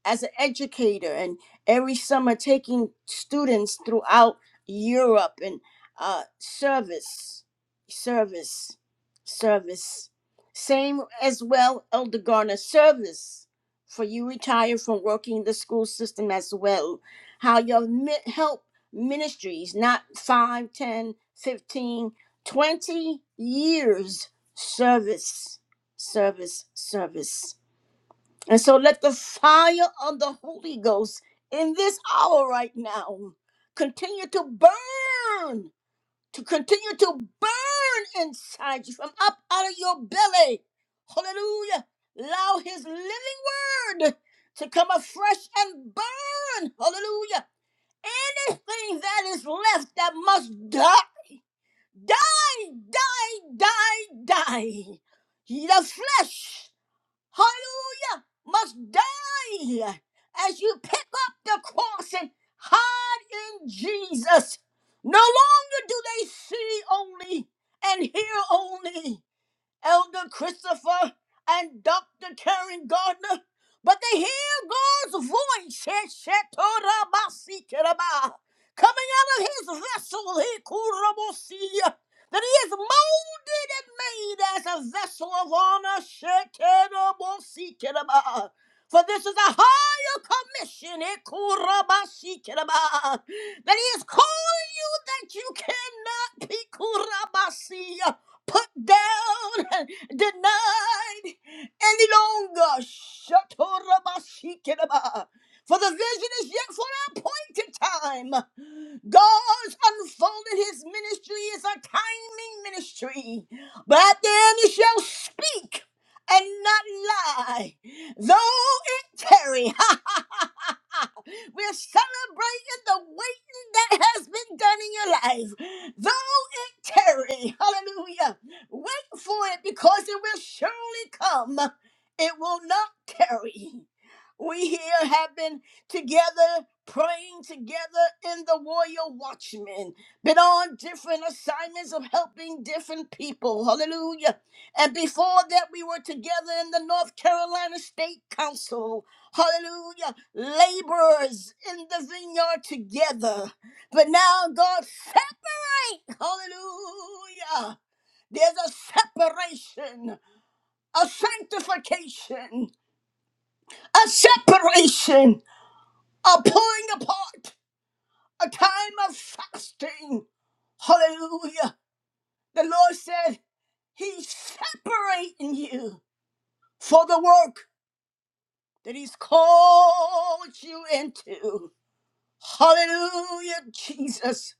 as an educator and every summer taking students throughout Europe and uh, service, service, service. Same as well, Elder Garner, service for you retire from working the school system as well. How your mi- help ministries, not 5, 10, 15, 20 years service, service, service. And so let the fire of the Holy Ghost in this hour right now continue to burn, to continue to burn inside you from up out of your belly. Hallelujah. Allow his living word to come afresh and burn. Hallelujah. Anything that is left that must die, die, die, die, die. The flesh hallelujah, must die as you pick up the cross and hide in Jesus. No longer do they see only and hear only. Elder Christopher and Dr. Karen Gardner, but they hear God's voice eh, shetorabasikeraba, coming out of his vessel, eh, kurabosia, that he is molded and made as a vessel of honor. shetorabasikeraba. For this is a higher commission, eh, kurabasikeraba, that he is calling you that you cannot be kurabasia put down, denied any longer. Shatorabashikinaba. For the vision is yet for an appointed time. God's unfolded his ministry is a timing ministry. But then he shall speak and not lie. Though it tarry, we're celebrating the waiting that has been done in your life. Though it tarry, hallelujah, wait for it because it will surely come. It will not tarry. We here have been together, praying together in the warrior watchmen, been on different assignments of helping different people. Hallelujah. And before that, we were together in the North Carolina State Council. Hallelujah. Laborers in the vineyard together. But now, God, separate. Hallelujah. There's a separation, a sanctification, a separation, a pulling apart a time of fasting. Hallelujah. The Lord said, He's separating you for the work that He's called you into. Hallelujah, Jesus.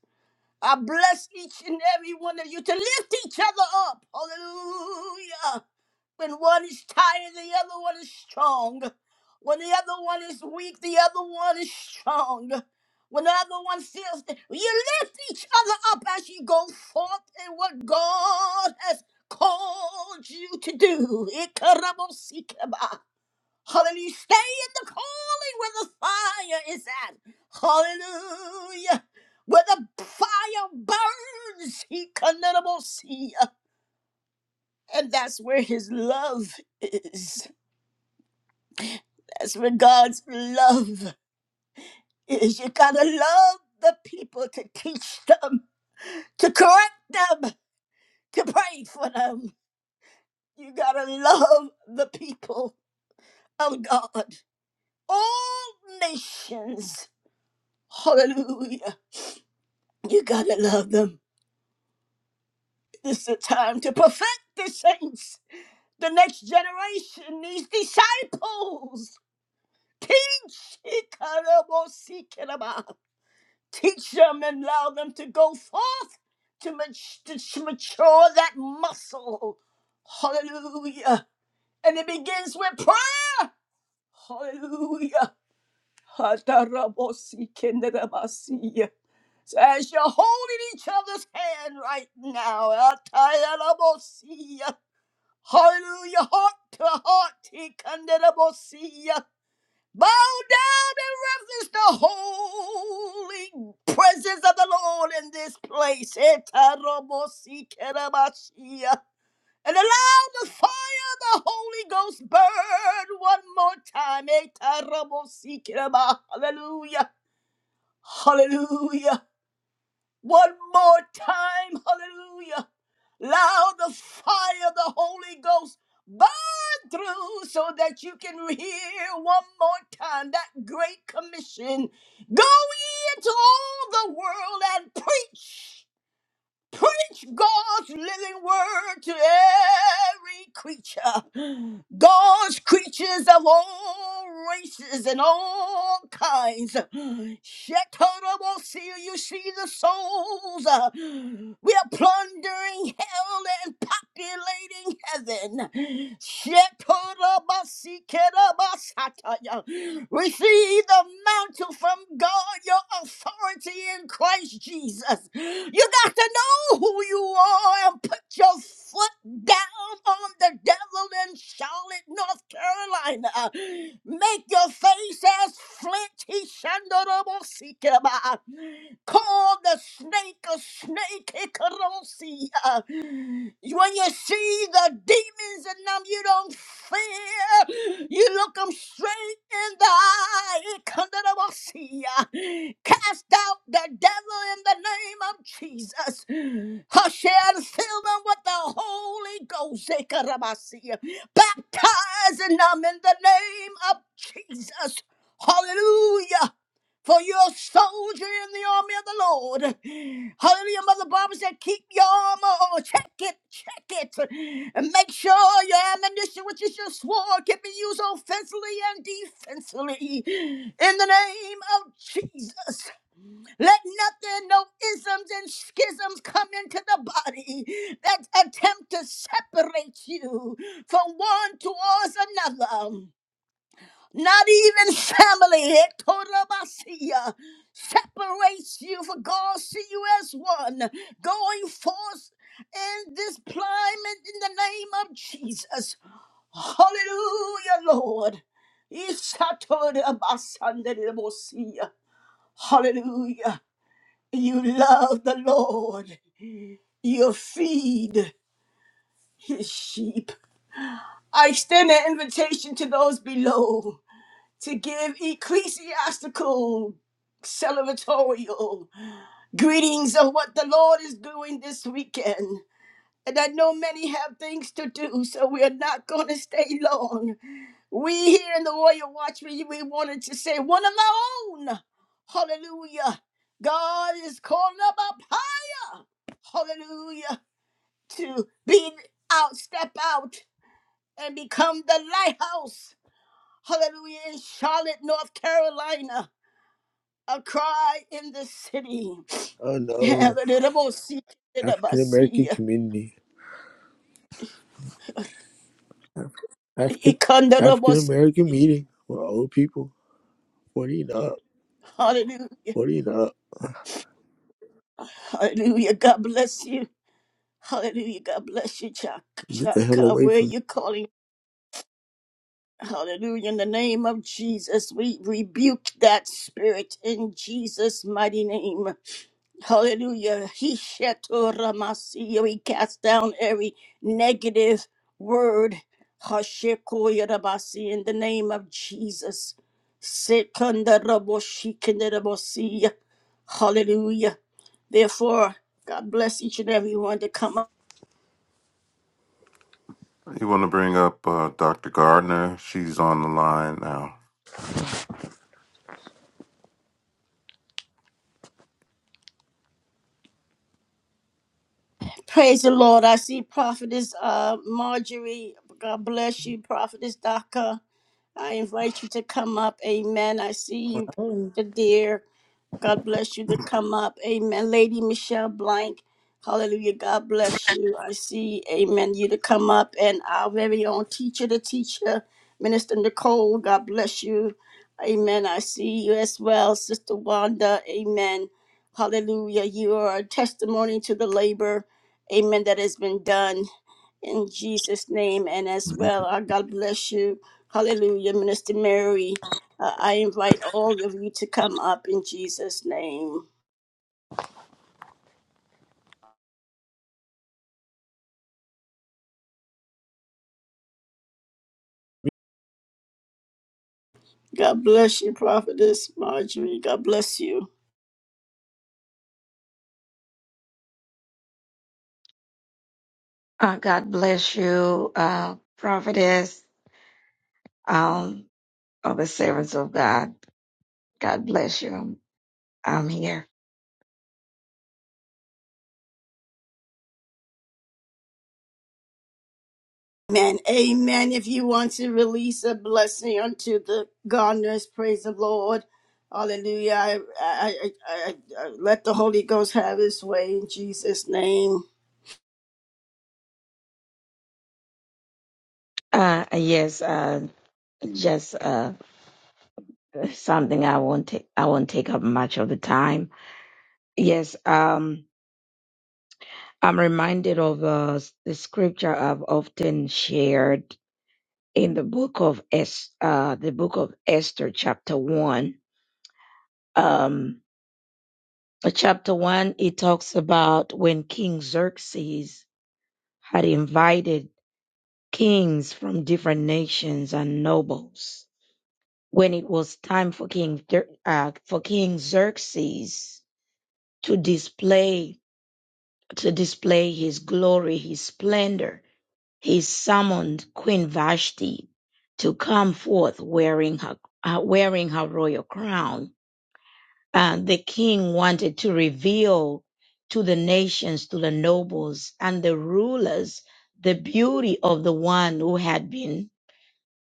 I bless each and every one of you to lift each other up. Hallelujah. When one is tired, the other one is strong. When the other one is weak, the other one is strong. When the other one feels, you lift each other up as you go forth in what God has called you to do. Ikarabosikaba. Hallelujah. Stay in the calling where the fire is at. Hallelujah. Where the fire burns. Ikarabosia. And that's where his love is. as regards love is you gotta love the people to teach them, to correct them, to pray for them. You gotta love the people of God. All nations, hallelujah, you gotta love them. This is the time to perfect the saints. The next generation needs disciples. Teach. Ikarabosikeraba. Teach them and allow them to go forth to, mat- to mature that muscle. Hallelujah. And it begins with prayer. Hallelujah. Hatarabosi kenderabasiya. So as you're holding each other's hand right now, atayarabosi. hallelujah, heart to heart, tikanderabosi. Bow down and reverence the holy presence of the Lord in this place. Etaromosikerabasia. And allow the fire of the Holy Ghost burn one more time. Etaromosikera. Hallelujah. Hallelujah. One more time, hallelujah. Allow the fire of the Holy Ghost burn through so that you can hear one more time that great commission. Go ye into all the world and preach preach God's living word to every creature. God's creatures of all races and all kinds. Shetarabosia, you see the souls. uh, We are plundering hell and populating heaven. Shetorabasikerabasataya. Receive the mantle from God, your authority in Christ Jesus. You got to know who you are and put your foot down on the devil in Charlotte, North Carolina. Make your face as flint. He shandarabosikaba. Call the snake a snake. Hikarosi. When you see the demons in them, you don't fear. You look them straight in the eye. It come to the boss here. Cast out the devil in the name of Jesus. Hush and fill them with the Holy Ghost. Ekarabasia. Baptize in them in the name of Jesus. Hallelujah. For you're a soldier in the army of the Lord. Hallelujah. Mother Barbara said, keep your armor on. Check it, check it. And make sure your ammunition, which is your sword, can be used offensively and defensively. In the name of Jesus. Let nothing, no isms and schisms come into the body that attempt to separate you from one towards another not even family. Hectorabasiya separates you, for God see you as one, going forth in this climate in the name of Jesus. Hallelujah, Lord. Isatorabasandedebosiya. Hallelujah. You love the Lord. You feed his sheep. I extend an invitation to those below. to give ecclesiastical celebratorial greetings of what the Lord is doing this weekend. And I know many have things to do, so we are not going to stay long. We here in the Royal Watchman, we wanted to say one of our own. Hallelujah. God is calling up up higher. Hallelujah. To be out, step out, and become the lighthouse. Hallelujah. In Charlotte, North Carolina a cry in the city. Oh no, African American community, African African American meeting for old people, forty and up, Hallelujah. forty and up. Hallelujah. God bless you. Hallelujah. God bless you, Chaka. Get the hell Chaka, away where from you calling? Hallelujah. In the name of Jesus, we rebuke that spirit in Jesus' mighty name. Hallelujah. He shetoramasi. We cast down every negative word. Hashikoyarabasi in the name of Jesus. Sekandaraboshikandarabasi. Hallelujah. Therefore, God bless each and every one to come up. You want to bring up uh, Dr. Gardner? She's on the line now. Praise the Lord. I see Prophetess uh, Marjorie. God bless you, Prophetess Daka. I invite you to come up. Amen. I see you, Oh, Pastor Dear. God bless you to come up. Amen. Lady Michelle Blank. Hallelujah. God bless you. I see, amen, you to come up. And our very own teacher, the teacher, Minister Nicole. God bless you. Amen. I see you as well, Sister Wanda. Amen. Hallelujah. You are a testimony to the labor amen, that has been done in Jesus' name. And as well, our God bless you. Hallelujah, Minister Mary. Uh, I invite all of you to come up in Jesus' name. God bless you, Prophetess Marjorie. God bless you. Uh, God bless you, uh, prophetess, um, of the servants of God. God bless you. I'm, I'm here. Amen. Amen. If you want to release a blessing unto the gardeners, praise the Lord. Hallelujah. I, I, I, I, I let the Holy Ghost have his way in Jesus' name. Uh, yes, uh, just, uh, something I won't take, I won't take up much of the time. Yes, um, I'm reminded of, uh, the scripture I've often shared in the book of Es, uh, the book of Esther, chapter one. Um, chapter one, it talks about when King Xerxes had invited kings from different nations and nobles. When it was time for King Xer- uh, for King Xerxes to display to display his glory, his splendor, he summoned Queen Vashti to come forth wearing her uh, wearing her royal crown. Uh, the king wanted to reveal to the nations, to the nobles and the rulers, the beauty of the one who had been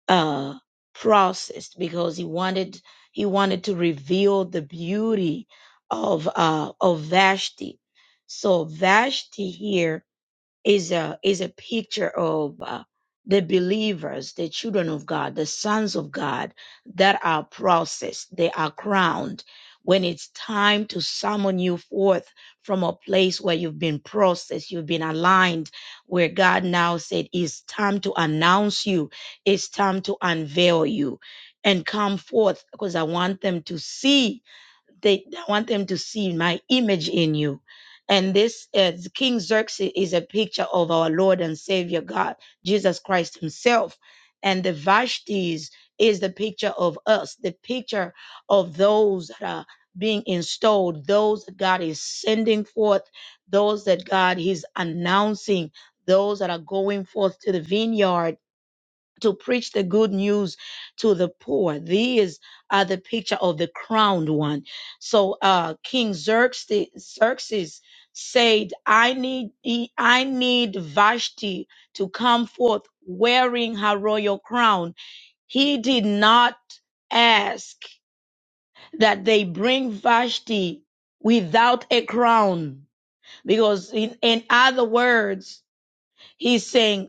uh, process because he wanted he wanted to reveal the beauty of uh, of Vashti. So Vashti here is a is a picture of uh, the believers, the children of God, the sons of God that are processed, they are crowned when it's time to summon you forth from a place where you've been processed, you've been aligned, where God now said, It's time to announce you, it's time to unveil you and come forth because I want them to see they I want them to see my image in you. And this uh, King Xerxes is a picture of our Lord and Savior God, Jesus Christ Himself. And the Vashtis is the picture of us, the picture of those that are being installed, those that God is sending forth, those that God is announcing, those that are going forth to the vineyard to preach the good news to the poor. These are the picture of the crowned one. So uh, King Xerxes, Xerxes said, "I need e, I need Vashti to come forth wearing her royal crown." He did not ask that they bring Vashti without a crown, because in, in other words, he's saying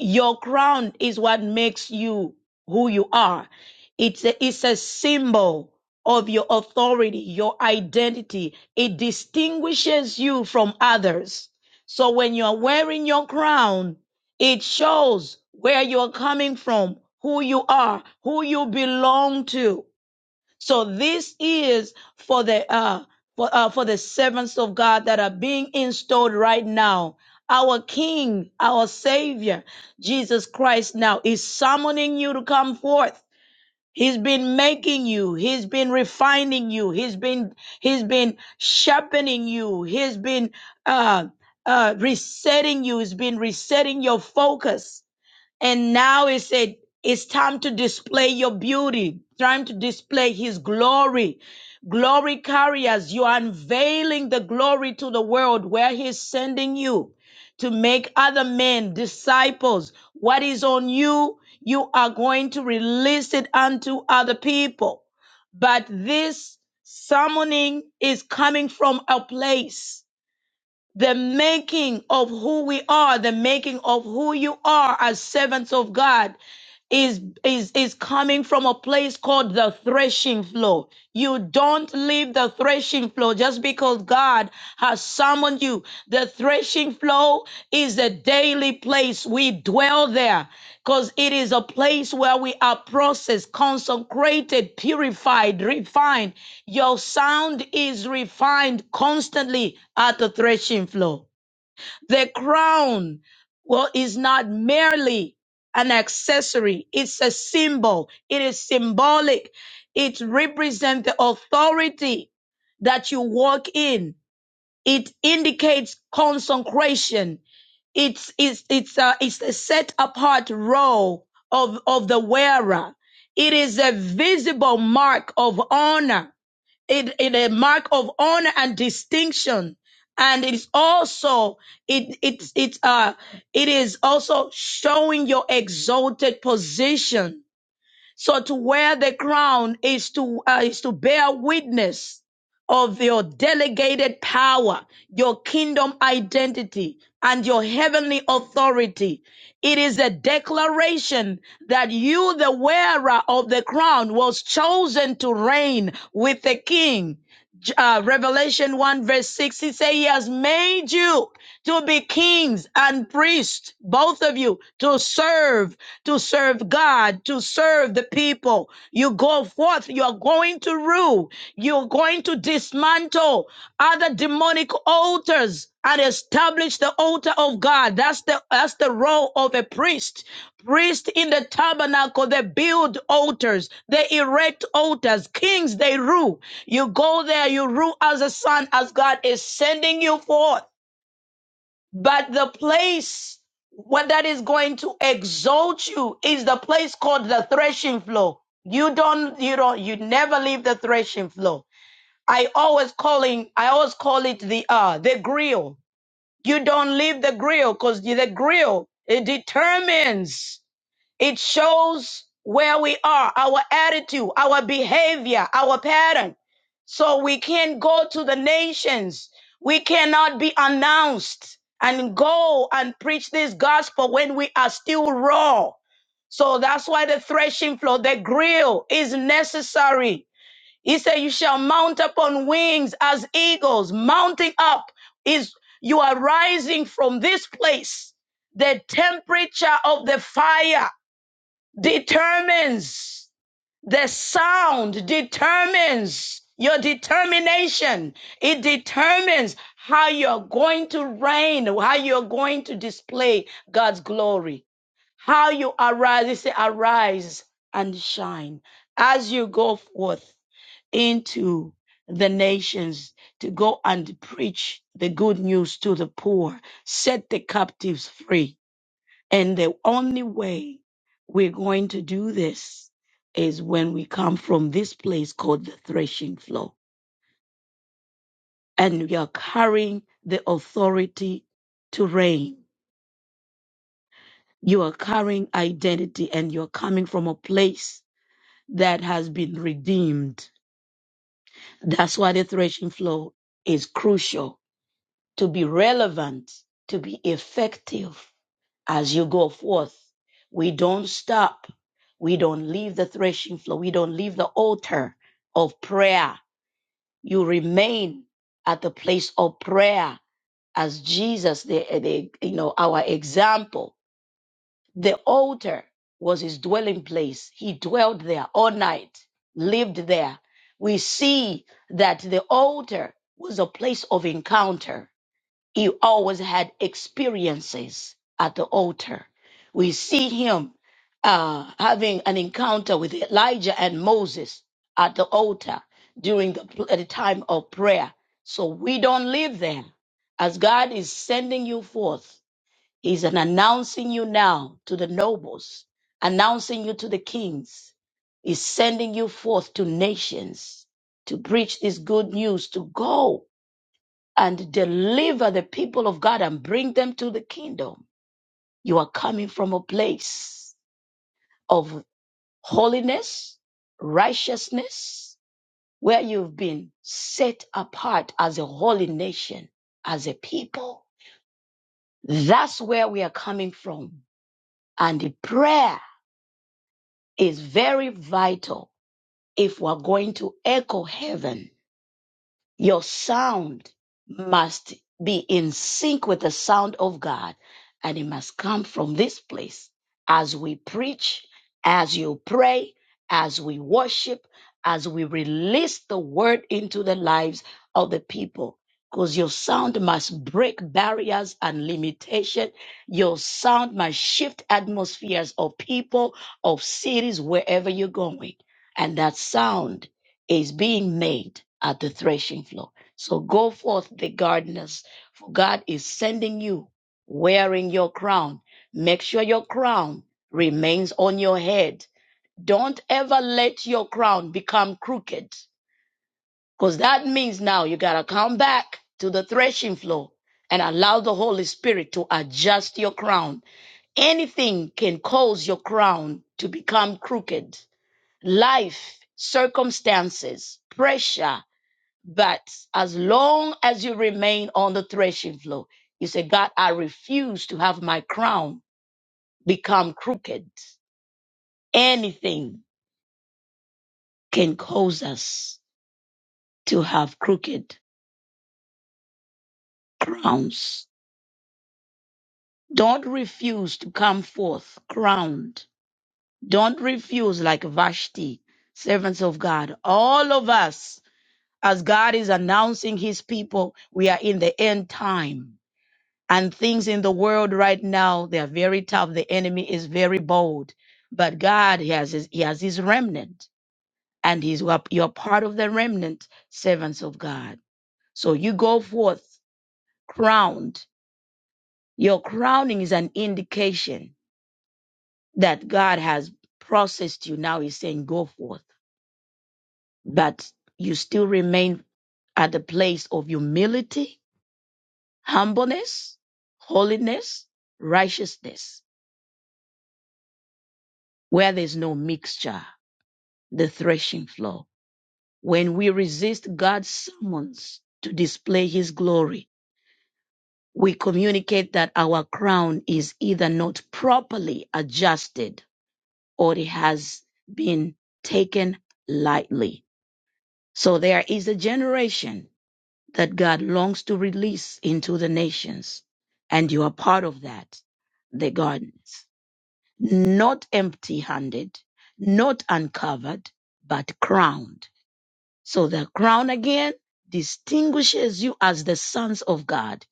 your crown is what makes you who you are. It's a, it's a symbol of your authority, your identity. It distinguishes you from others. So when you're wearing your crown, it shows where you're coming from, who you are, who you belong to. So this is for the uh for uh, for the servants of God that are being installed right now. Our King, our Savior, Jesus Christ now is summoning you to come forth. He's been making you. He's been refining you. He's been he's been sharpening you. He's been uh uh resetting you. He's been resetting your focus. And now it said, it's time to display your beauty, time to display his glory. Glory carriers, you are unveiling the glory to the world where he's sending you to make other men disciples. What is on you, you are going to release it unto other people. But this summoning is coming from a place the making of who we are, the making of who you are as servants of God is is is coming from a place called the threshing floor. You don't leave the threshing floor just because God has summoned you. The threshing floor is a daily place. We dwell there because it is a place where we are processed, consecrated, purified, refined. Your sound is refined constantly at the threshing floor. The crown, well, is not merely an accessory. It's a symbol. It is symbolic. It represents the authority that you walk in. It indicates consecration. It's, it's, it's a, it's a set apart role of, of the wearer. It is a visible mark of honor it is a mark of honor and distinction and it's also it it's it's uh it is also showing your exalted position so to wear the crown is to uh, is to bear witness of your delegated power, your kingdom identity, and your heavenly authority. It is a declaration that you, the wearer of the crown, was chosen to reign with the king. J- uh, Revelation 1 verse 6, he says, He has made you to be kings and priests, both of you, to serve to serve God, to serve the people. You go forth, you are going to rule, you're going to dismantle other demonic altars and establish the altar of God. That's the that's the role of a priest. Priests in the tabernacle, they build altars, they erect altars. Kings, they rule. You go there, you rule as a son, as God is sending you forth. But the place where that is going to exalt you is the place called the threshing floor. You don't, you don't, you never leave the threshing floor. I always calling, I always call it the uh the grill. You don't leave the grill because the grill it determines. It shows where we are, our attitude, our behavior, our pattern. So we can not go to the nations. We cannot be announced and go and preach this gospel when we are still raw. So that's why the threshing floor, the grill is necessary. He said, You shall mount up on wings as eagles. Mounting up is you are rising from this place, the temperature of the fire determines the sound determines your determination it determines how you're going to reign how you're going to display god's glory how you arise you say arise and shine as you go forth into the nations to go and preach the good news to the poor set the captives free and the only way we're going to do this is when we come from this place called the threshing floor. And we are carrying the authority to reign. You are carrying identity and you're coming from a place that has been redeemed. That's why the threshing floor is crucial to be relevant, to be effective as you go forth. We don't stop. We don't leave the threshing floor. We don't leave the altar of prayer. You remain at the place of prayer as Jesus, the, the you know, our example. The altar was his dwelling place. He dwelled there all night, lived there. We see that the altar was a place of encounter he always had experiences at the altar. We see him uh, having an encounter with Elijah and Moses at the altar during the, at the time of prayer. So we don't live there. As God is sending you forth, He's an announcing you now to the nobles, announcing you to the kings. He's sending you forth to nations to preach this good news, to go and deliver the people of God and bring them to the kingdom. You are coming from a place of holiness, righteousness, where you've been set apart as a holy nation, as a people. That's where we are coming from. And the prayer is very vital if we're going to echo heaven Your sound must be in sync with the sound of God, and it must come from this place as we preach, as you pray, as we worship, as we release the word into the lives of the people. Because your sound must break barriers and limitation. Your sound must shift atmospheres of people, of cities, wherever you're going. And that sound is being made at the threshing floor. So go forth, the gardeners, for God is sending you wearing your crown. Make sure your crown remains on your head. Don't ever let your crown become crooked, because that means now you got to come back to the threshing floor and allow the Holy Spirit to adjust your crown. Anything can cause your crown to become crooked. Life, circumstances, pressure, but as long as you remain on the threshing floor, you say, God, I refuse to have my crown become crooked. Anything can cause us to have crooked crowns. Don't refuse to come forth crowned. Don't refuse like Vashti, servants of God. All of us, as God is announcing his people, we are in the end time and things in the world right now they are very tough the enemy is very bold but god he has his, he has his remnant and he's you are you are part of the remnant servants of god so you go forth crowned your crowning is an indication that god has processed you now he's saying go forth but you still remain at the place of humility humbleness holiness righteousness where there's no mixture the threshing floor. When we resist God's summons to display his glory, we communicate that our crown is either not properly adjusted or it has been taken lightly. So there is a generation that God longs to release into the nations, and you are part of that, the gardens. Not empty handed, not uncovered, but crowned So the crown again distinguishes you as the sons of God.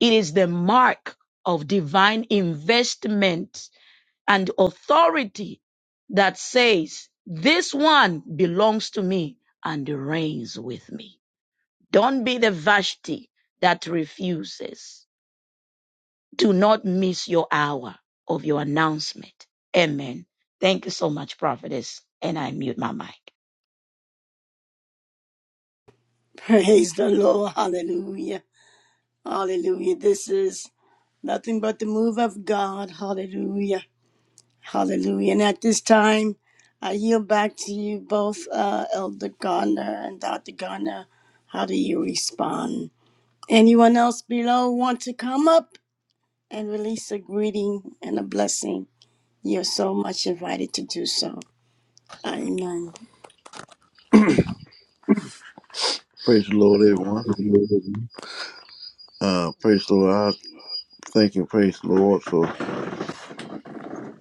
It is the mark of divine investment and authority that says, this one belongs to me and reigns with me. Don't be the Vashti that refuses. Do not miss your hour of your announcement. Amen. Thank you so much, prophetess. And I mute my mic. Praise the Lord. Hallelujah. Hallelujah. This is nothing but the move of God. Hallelujah. Hallelujah. And at this time, I yield back to you both, uh, Elder Gardner and Dr. Gardner. How do you respond? Anyone else below want to come up and release a greeting and a blessing? You're so much invited to do so. Amen. Praise the Lord, everyone. Amen. Uh, praise the Lord. I thank and praise the Lord for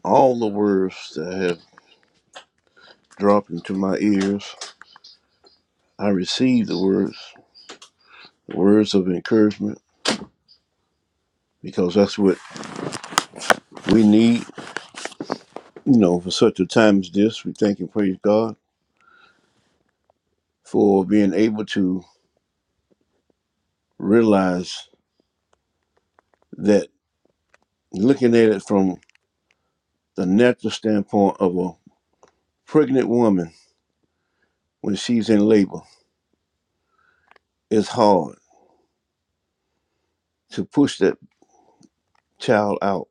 all the words that have dropped into my ears. I receive the words, words of encouragement, because that's what we need, you know, for such a time as this. We thank and praise God for being able to realize that looking at it from the natural standpoint of a pregnant woman when she's in labor is hard to push that child out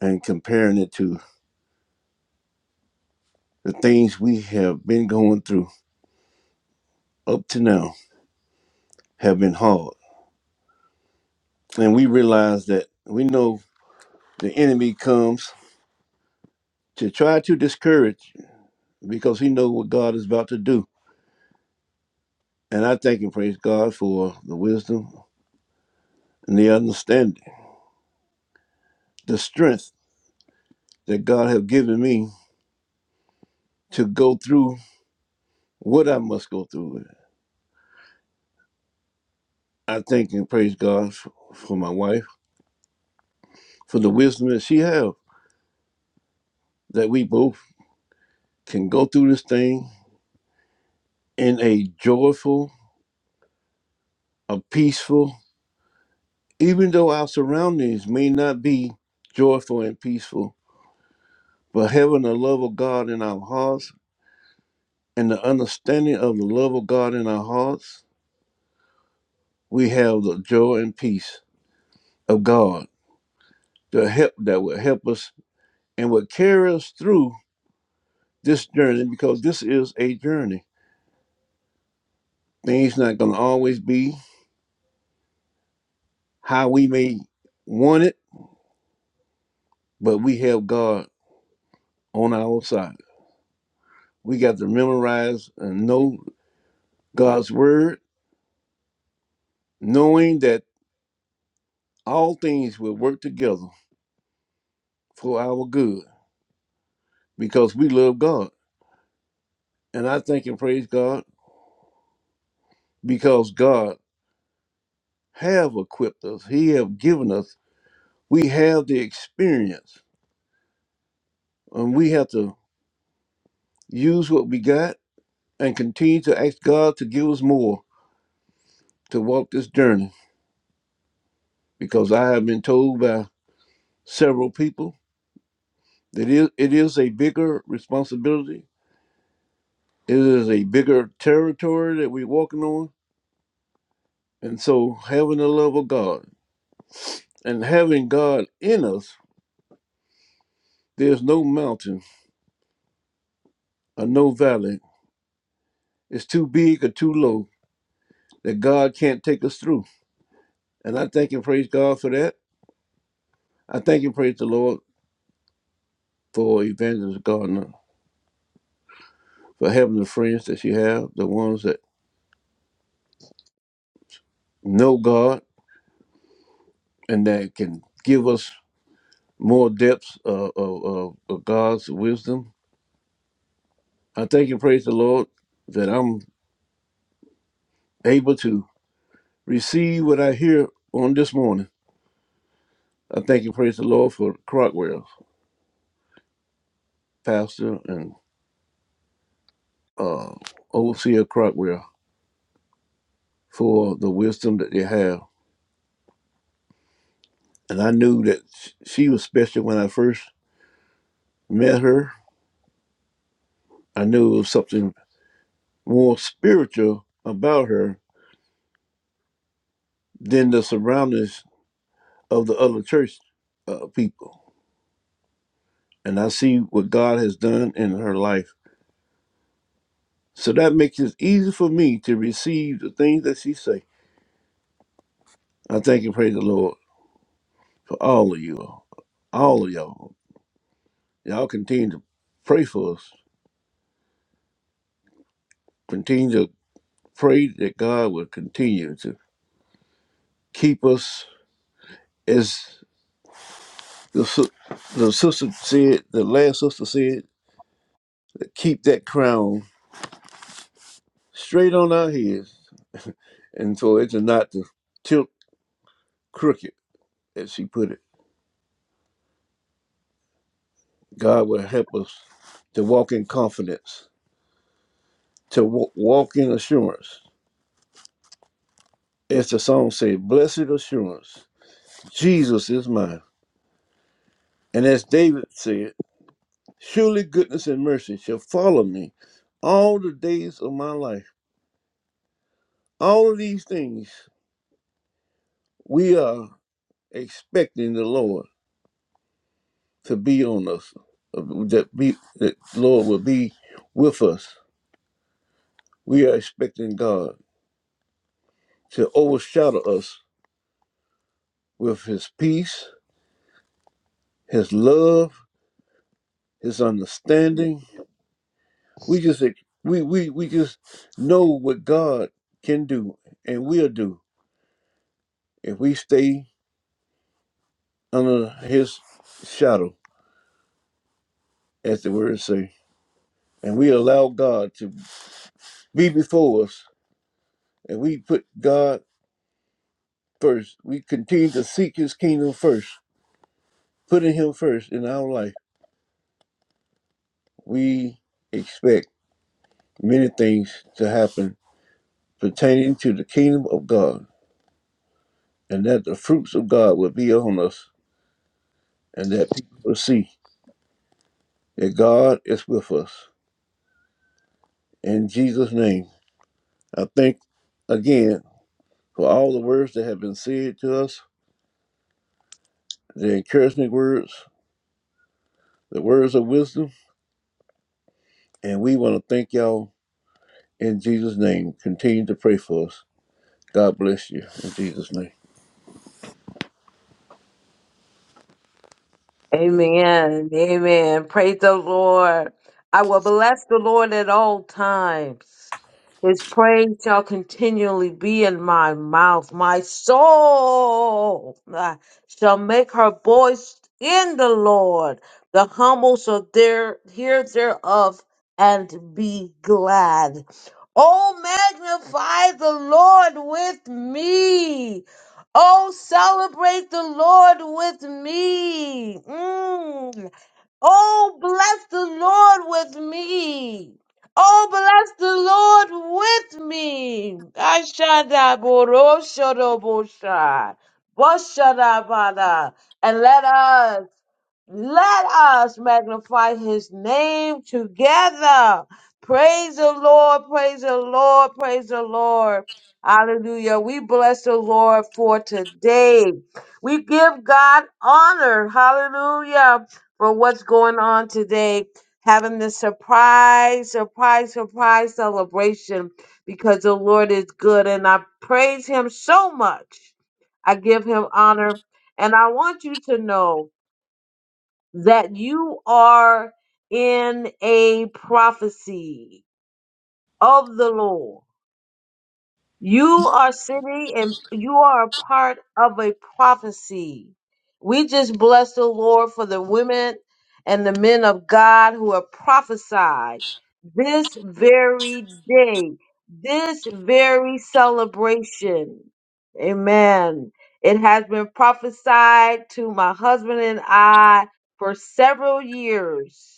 and comparing it to the things we have been going through up to now have been hard and we realize that we know the enemy comes to try to discourage you because he knows what god is about to do and i thank and praise god for the wisdom and the understanding the strength that god have given me to go through what I must go through. I thank and praise God f- for my wife, for the wisdom that she has, that we both can go through this thing in a joyful, a peaceful, even though our surroundings may not be joyful and peaceful, but having the love of God in our hearts and the understanding of the love of God in our hearts, we have the joy and peace of God that help that will help us and will carry us through this journey because this is a journey. Things not going to always be how we may want it, but we have God on our side. We got to memorize and know God's word, knowing that all things will work together for our good because we love God. And I thank and praise God because God have equipped us. He have given us. We have the experience and we have to use what we got and continue to ask God to give us more to walk this journey because I have been told by several people that it it is a bigger responsibility. It is a bigger territory that we're walking on. And so, having the love of God and having God in us, there's no mountain or no valley. It's too big or too low that God can't take us through. And I thank and praise God for that. I thank and praise the Lord for Evangelist Gardner, for having the friends that she have, the ones that know God and that can give us more depths uh, of, of, of God's wisdom. I thank and praise the Lord that I'm able to receive what I hear on this morning. I thank and praise the Lord for Crockwell, Pastor and uh, Overseer Crockwell, for the wisdom that they have. And I knew that sh- she was special when I first met her. I knew it was something more spiritual about her than the surroundings of the other church uh, people and I see what God has done in her life. So that makes it easy for me to receive the things that she say. I thank and praise the Lord for all of you, all All of y'all. Y'all continue to pray for us. Continue to pray that God will continue to keep us as the, sis- the sister said, the last sister said, to keep that crown straight on our heads and for it to not to tilt crooked, as she put it. God will help us to walk in confidence, to wa- walk in assurance. As the song says, blessed assurance, Jesus is mine. And as David said, surely goodness and mercy shall follow me all the days of my life. All of these things we are expecting the Lord to be on us, uh, that be that Lord will be with us. We are expecting God to overshadow us with his peace, his love, his understanding. We just we we we just know what God can do and will do if we stay under His shadow, as the word say, and we allow God to be before us, and we put God first. We continue to seek His kingdom first, putting Him first in our life. We expect many things to happen pertaining to the kingdom of God, and that the fruits of God will be on us, and that people will see that God is with us. In Jesus' name, I thank again for all the words that have been said to us, the encouragement words, the words of wisdom, and we want to thank y'all in Jesus' name. Continue to pray for us. God bless you in Jesus' name. Amen. Praise the Lord. I will bless the Lord at all times. His praise shall continually be in my mouth. My soul uh, shall make her voice in the Lord. The humble shall there, hear thereof and be glad. Oh, magnify the Lord with me Oh, celebrate the Lord with me. Mm. Oh, bless the Lord with me. Oh, bless the Lord with me. Ashadaboroshodobosha. Boshadabada. And let us let us magnify his name together. Praise the Lord, praise the Lord, praise the Lord. Hallelujah. We bless the Lord for today. We give God honor. Hallelujah. For what's going on today. Having this surprise, surprise, surprise celebration because the Lord is good and I praise him so much. I give him honor and I want you to know that you are in a prophecy of the Lord. You are sitting and you are a part of a prophecy. We just bless the Lord for the women and the men of God who have prophesied this very day, this very celebration. Amen. It has been prophesied to my husband and I for several years.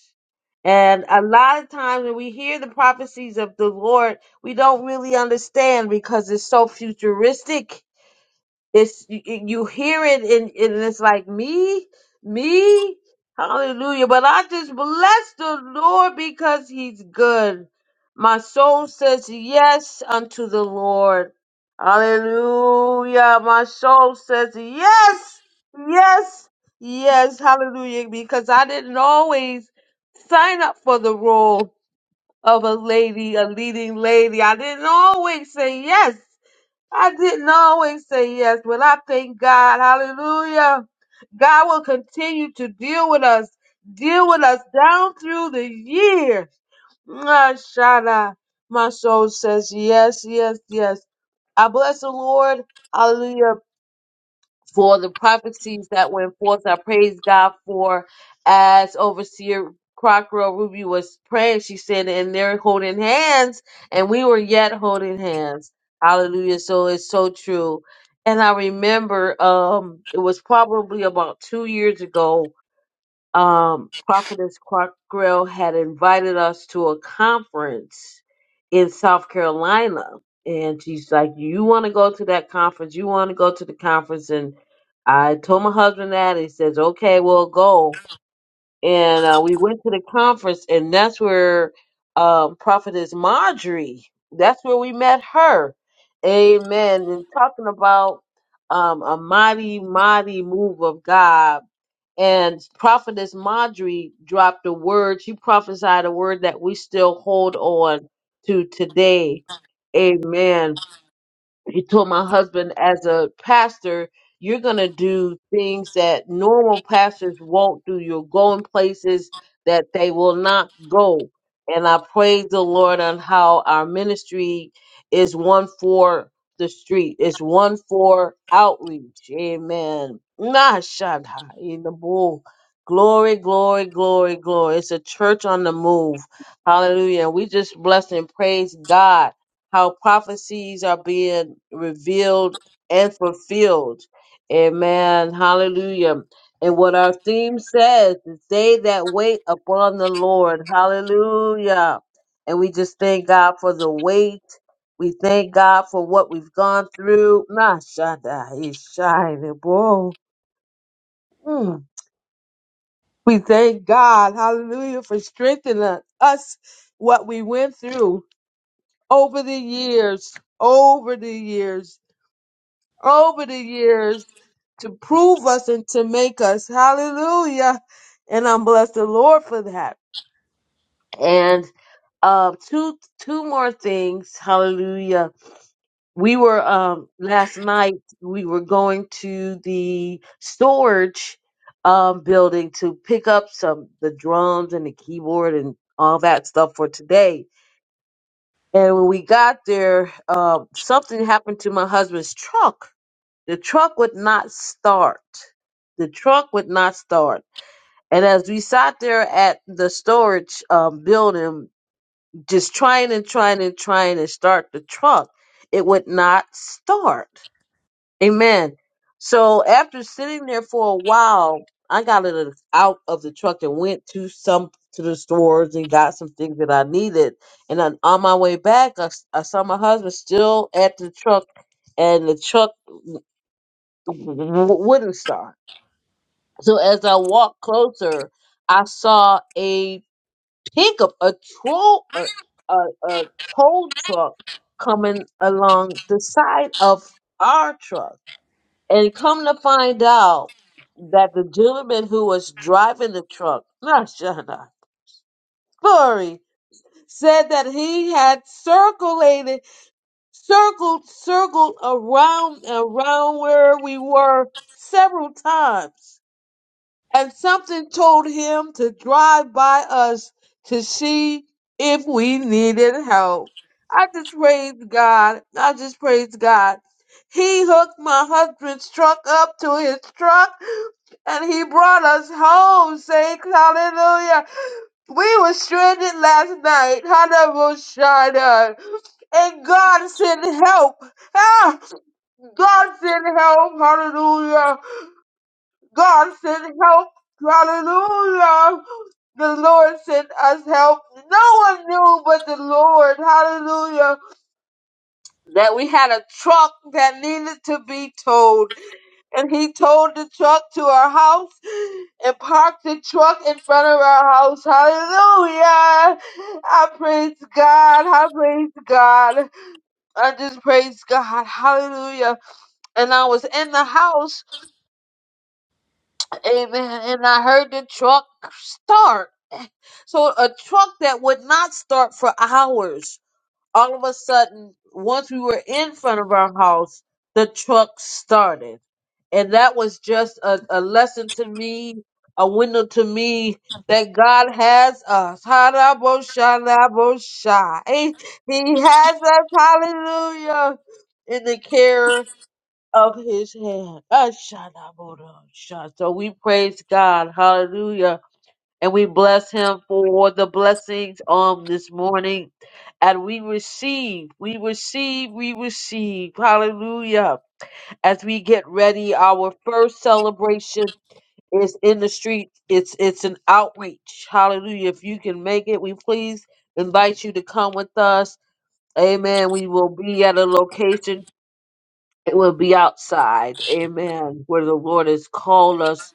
And a lot of times when we hear the prophecies of the Lord, we don't really understand because it's so futuristic. It's you, you hear it and, and it's like me, me, hallelujah. But I just bless the Lord because He's good. My soul says yes unto the Lord. Hallelujah. My soul says yes, yes, yes. Hallelujah. Because I didn't always sign up for the role of a lady, a leading lady. I didn't always say yes. I didn't always say yes, but I thank God. Hallelujah. God will continue to deal with us, deal with us down through the year. Mashallah. My soul says yes, yes, yes. I bless the Lord. Hallelujah for the prophecies that went forth. I praise God for as overseer Crocker Ruby was praying, she said, and they're holding hands, and we were yet holding hands. Hallelujah. So it's so true. And I remember um it was probably about two years ago um, Prophetess Clark Grill had invited us to a conference in South Carolina. And she's like, You want to go to that conference? You want to go to the conference? And I told my husband that. He says, Okay, we'll go. And uh, we went to the conference, and that's where um, Prophetess Marjorie, that's where we met her. Amen. And talking about um, a mighty, mighty move of God and prophetess marjorie dropped a word she prophesied a word that we still hold on to today amen he told my husband as a pastor you're going to do things that normal pastors won't do you'll go in places that they will not go and i praise the lord on how our ministry is one for the street it's one for outreach amen Nah, Shaddai, in the bull. glory glory glory glory it's a church on the move hallelujah we just bless and praise god how prophecies are being revealed and fulfilled. Amen. Hallelujah. And what our theme says is they that wait upon the Lord. Hallelujah. And we just thank God for the wait. We thank God for what we've gone through. Mashada Ishai Bo. Mm. We thank God, hallelujah, for strengthening us, what we went through over the years, over the years over the years to prove us and to make us. Hallelujah. And I'm blessed the Lord for that. And uh two two more things. Hallelujah. We were um last night we were going to the storage um building to pick up some the drums and the keyboard and all that stuff for today. And when we got there, um something happened to my husband's truck the truck would not start. The truck would not start. And as we sat there at the storage um, building, just trying and trying and trying to start the truck, it would not start. Amen. So after sitting there for a while, I got it out of the truck and went to some to the stores and got some things that I needed. And on, on my way back, I, s- I saw my husband still at the truck, and the truck w- w- wouldn't start So as I walked closer, I saw a pickup, a troll, a, a, a tow truck coming along the side of our truck. And come to find out that the gentleman who was driving the truck, not Shana, sorry, said that he had circulated, circled, circled around, around where we were several times and something told him to drive by us to see if we needed help. I just praised God. I just praised God. He hooked my husband's truck up to his truck and he brought us home. Say hallelujah. We were stranded last night. Hallelujah. And God sent help. Ah, God sent help. Hallelujah. God sent help. Hallelujah. The Lord sent us help. No one knew but the Lord. Hallelujah. That we had a truck that needed to be towed. And he towed the truck to our house and parked the truck in front of our house. Hallelujah. I praise God. I praise God. I just praise God. Hallelujah. And I was in the house Amen. And I heard the truck start. So a truck that would not start for hours, all of a sudden, once we were in front of our house, the truck started. And that was just a, a lesson to me, a window to me that God has us. Haraboshalabosha. He he has us. Hallelujah. In the care of his hand. Ashadaborosha. So we praise God. Hallelujah. And we bless him for the blessings on this morning. And we receive, we receive, we receive. Hallelujah. As we get ready, our first celebration is in the street. It's it's an outreach. Hallelujah. If you can make it, we please invite you to come with us. Amen. We will be at a location it will be outside. Amen. Where the Lord has called us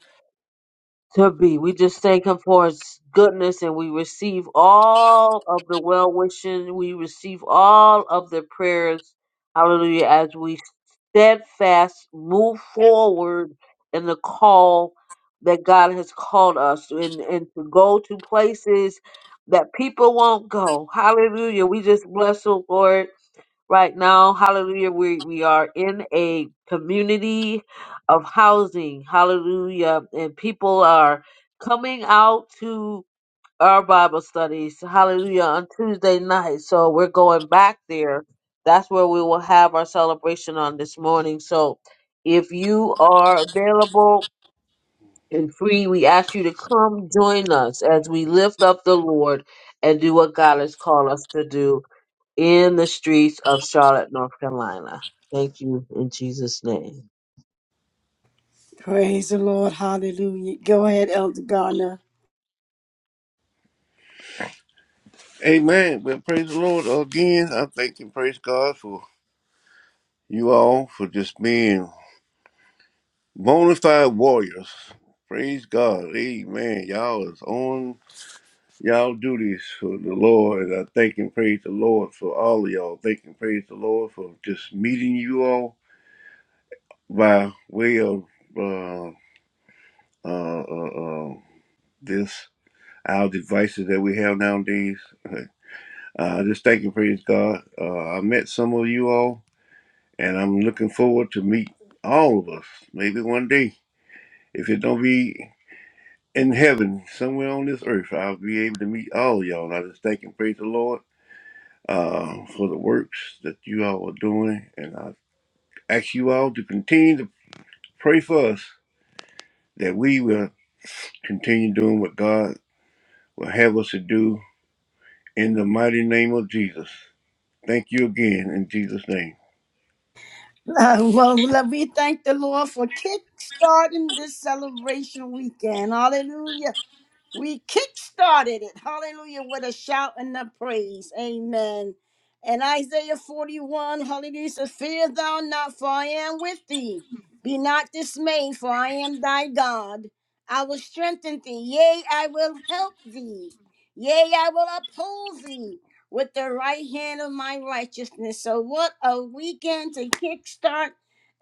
to be. We just thank Him for His goodness and we receive all of the well wishing. We receive all of the prayers. Hallelujah. As we steadfast move forward in the call that God has called us and, and to go to places that people won't go. Hallelujah. We just bless the Lord Right now, hallelujah, we, we are in a community of housing, hallelujah, and people are coming out to our Bible studies, hallelujah, on Tuesday night. So we're going back there. That's where we will have our celebration on this morning. So if you are available and free, we ask you to come join us as we lift up the Lord and do what God has called us to do in the streets of Charlotte, North Carolina. Thank you in Jesus' name. Praise the Lord. Hallelujah. Go ahead, Elder Gardner. Amen. Well, praise the Lord again. I thank and praise God for you all for just being bona fide warriors. Praise God. Amen. Y'all is on Y'all do these for the Lord, and I thank and praise the Lord for all of y'all. Thank and praise the Lord for just meeting you all by way of uh, uh, uh, uh, this our devices that we have nowadays. Uh, just thank and praise God. Uh, I met some of you all, and I'm looking forward to meet all of us. Maybe one day, if it don't be in heaven, somewhere on this earth, I'll be able to meet all of y'all. And I just thank and praise the Lord. uh, for the works that you all are doing. And I ask you all to continue to pray for us that we will continue doing what God will have us to do in the mighty name of Jesus. Thank you again in Jesus' name. Uh, well, let- we thank the Lord for kick starting this celebration weekend. Hallelujah. We kick-started it. Hallelujah. With a shout and a praise. Amen. And Isaiah 41, hallelujah, says, Fear thou not, for I am with thee. Be not dismayed, for I am thy God. I will strengthen thee. Yea, I will help thee. Yea, I will uphold thee with the right hand of my righteousness. So what a weekend to kickstart.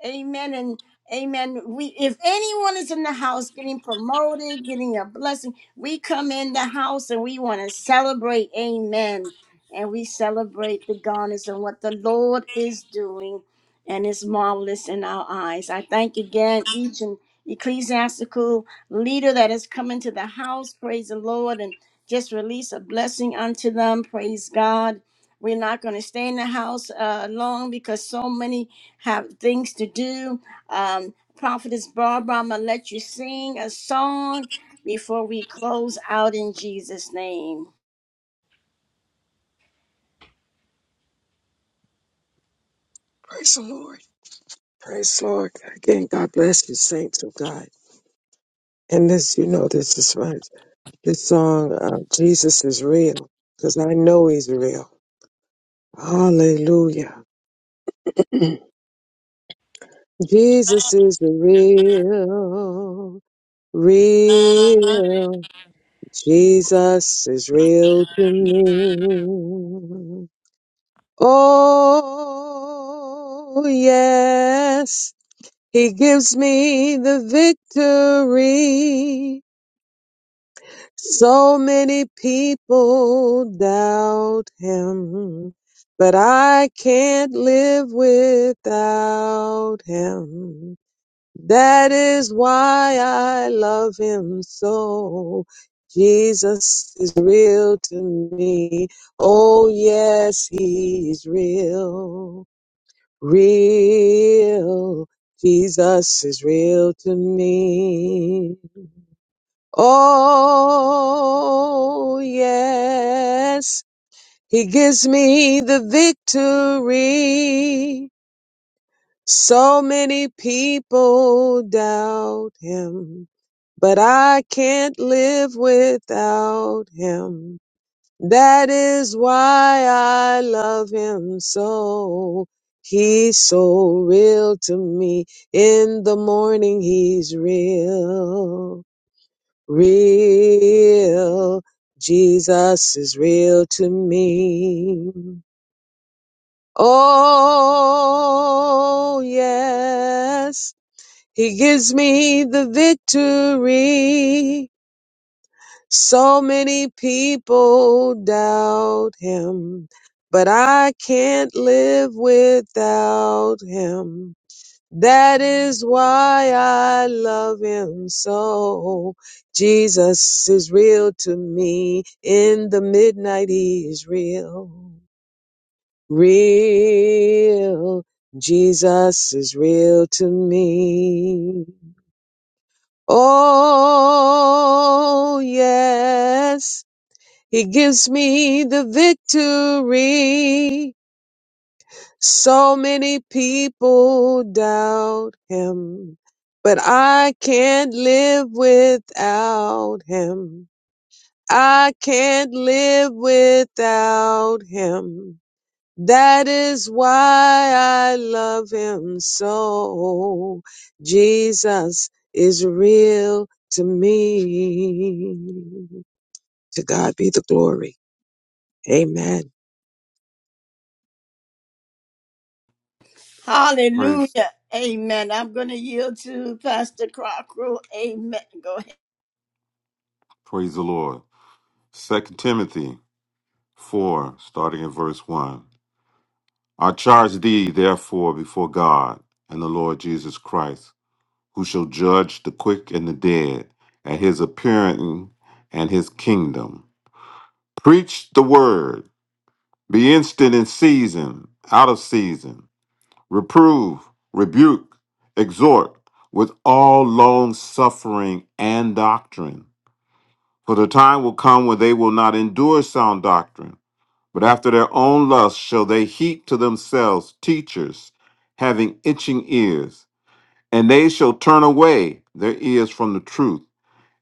Amen. And amen. We if anyone is in the house getting promoted, getting a blessing. We come in the house and we want to celebrate. Amen. And we celebrate the goodness and what the Lord is doing. And it's marvelous in our eyes. I thank again each and ecclesiastical leader that has come into the house. Praise the Lord. And just release a blessing unto them. Praise God. We're not going to stay in the house uh, long because so many have things to do. Um, Prophetess Barbara, I'm going to let you sing a song before we close out in Jesus' name. Praise the Lord. Praise the Lord. Again, God bless you, saints of God. And this, you know, this is right. this song, uh, Jesus is real, because I know he's real. Hallelujah. Jesus is real, real. Jesus is real to me. Oh, yes. He gives me the victory. So many people doubt him, but I can't live without him. That is why I love him so. Jesus is real to me. Oh yes, he is real. Real. Jesus is real to me. Oh, yes, he gives me the victory. So many people doubt him, but I can't live without him. That is why I love him so. He's so real to me. In the morning, he's real real. Jesus is real to me. Oh, yes. He gives me the victory. So many people doubt him, but I can't live without him. That is why I love him so. Jesus is real to me. In the midnight, he is real. Real. Jesus is real to me. Oh, yes. He gives me the victory. So many people doubt him, but I can't live without him. I can't live without him. That is why I love him so. Jesus is real to me. To God be the glory. Amen. Praise, Hallelujah. Amen. I'm going to yield to Pastor Crocker. Amen. Go Praise the Lord. Second Timothy 4, starting at verse 1. I charge thee, therefore, before God and the Lord Jesus Christ, who shall judge the quick and the dead at his appearing and his kingdom. Preach the word, be instant in season, out of season, reprove, rebuke, exhort with all long suffering and doctrine. For the time will come when they will not endure sound doctrine but after their own lust shall they heap to themselves teachers having itching ears, and they shall turn away their ears from the truth,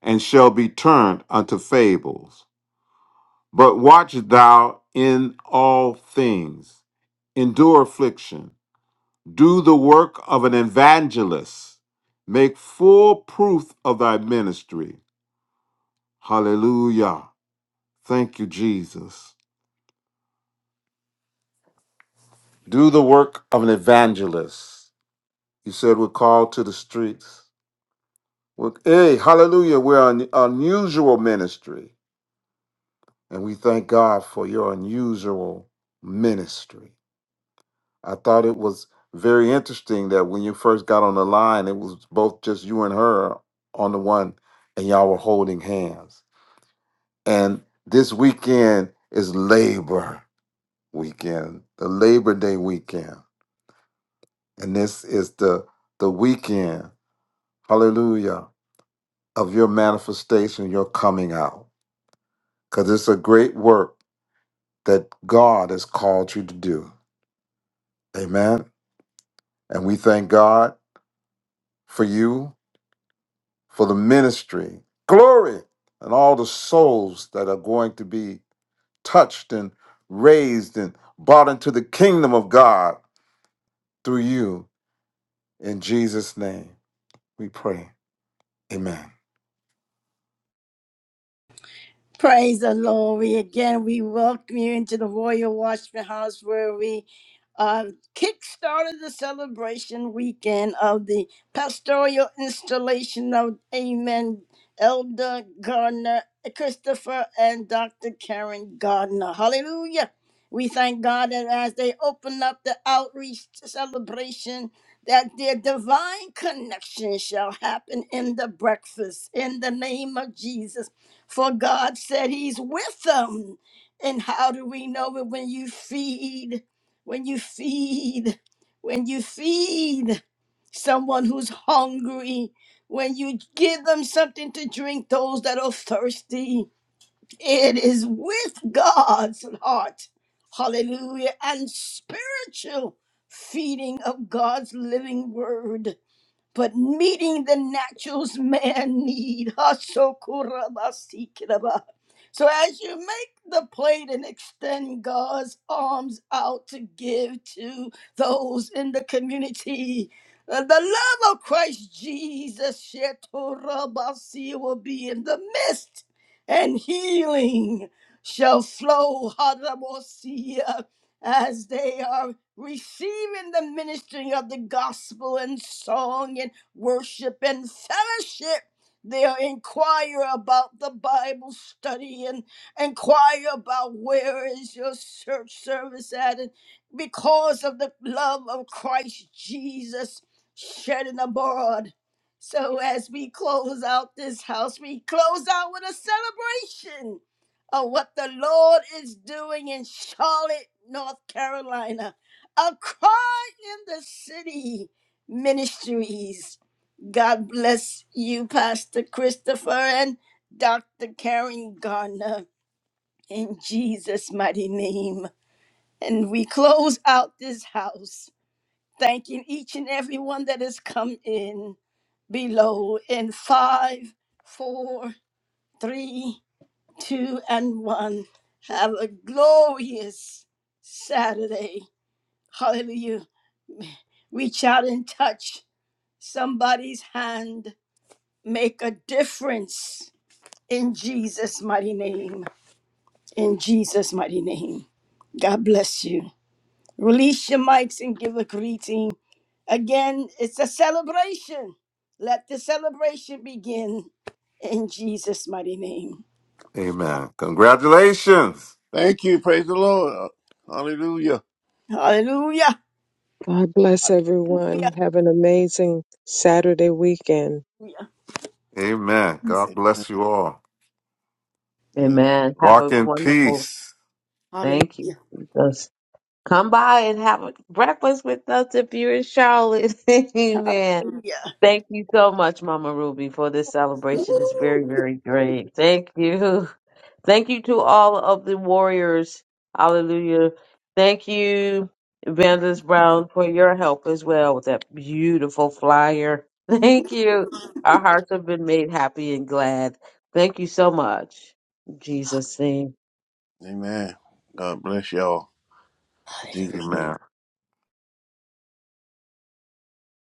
and shall be turned unto fables. But watch thou in all things, endure affliction, do the work of an evangelist, make full proof of thy ministry. Hallelujah. Thank you, Jesus. Do the work of an evangelist. You said we're called to the streets. We're, hey, hallelujah. We're an unusual ministry. And we thank God for your unusual ministry. I thought it was very interesting that when you first got on the line, it was both just you and her on the one, and y'all were holding hands. And this weekend is Labor weekend, the Labor Day weekend. And this is the the weekend. Hallelujah of your manifestation, your coming out, because it's a great work that God has called you to do. Amen. And we thank God for you, for the ministry, glory, and all the souls that are going to be touched and raised and brought into the kingdom of God through you. In Jesus' name, we pray. Amen. Praise the Lord. We again we welcome you into the Royal Watchman House where we uh, kickstarted the celebration weekend of the pastoral installation of Amen Elder Gardner Christopher and Dr. Karen Gardner. Hallelujah. We thank God that as they open up the outreach celebration, that their divine connection shall happen in the breakfast in the name of Jesus for God said He's with them. And how do we know it? When you feed, when you feed, when you feed someone who's hungry, when you give them something to drink, those that are thirsty, it is with God's heart. Hallelujah. And spiritual feeding of God's living word but meeting the naturals man need. Hasokurabasikinaba. So as you make the plate and extend God's arms out to give to those in the community, uh, the love of Christ Jesus Shetorabasi, will be in the midst, and healing shall flow. Harabosia as they are receiving the ministering of the gospel and song and worship and fellowship. They'll inquire about the Bible study and inquire about where is your church service at. And because of the love of Christ Jesus shedding abroad. So as we close out this house, we close out with a celebration of what the Lord is doing in Charlotte, North Carolina. A cry in the city ministries. God bless you, Pastor Christopher and Dr. Karen Garner, in Jesus' mighty name. And we close out this house, thanking each and every one that has come in below in five, four, three, two and one. Have a glorious Saturday. Hallelujah. Reach out and touch somebody's hand. Make a difference in Jesus' mighty name. In Jesus' mighty name. God bless you. Release your mics and give a greeting. Again, it's a celebration. Let the celebration begin in Jesus' mighty name. Amen. Congratulations. Thank you. Praise the Lord. Hallelujah. Hallelujah. God bless everyone. Have an amazing Saturday weekend. Hallelujah. Amen. God bless you all. Amen. Amen. Have a Walk in wonderful peace. thank you. Hallelujah. Jesus. Come by and have a breakfast with us if you're in Charlotte. Amen. Hallelujah. Thank you so much, Mama Ruby, for this celebration. It's very, very great. Thank you. Thank you to all of the warriors. Hallelujah. Thank you, Evangelist Brown, for your help as well with that beautiful flyer. Thank you. Our hearts have been made happy and glad. Thank you so much. In Jesus' name. Amen. God bless y'all. In Jesus' name. Amen.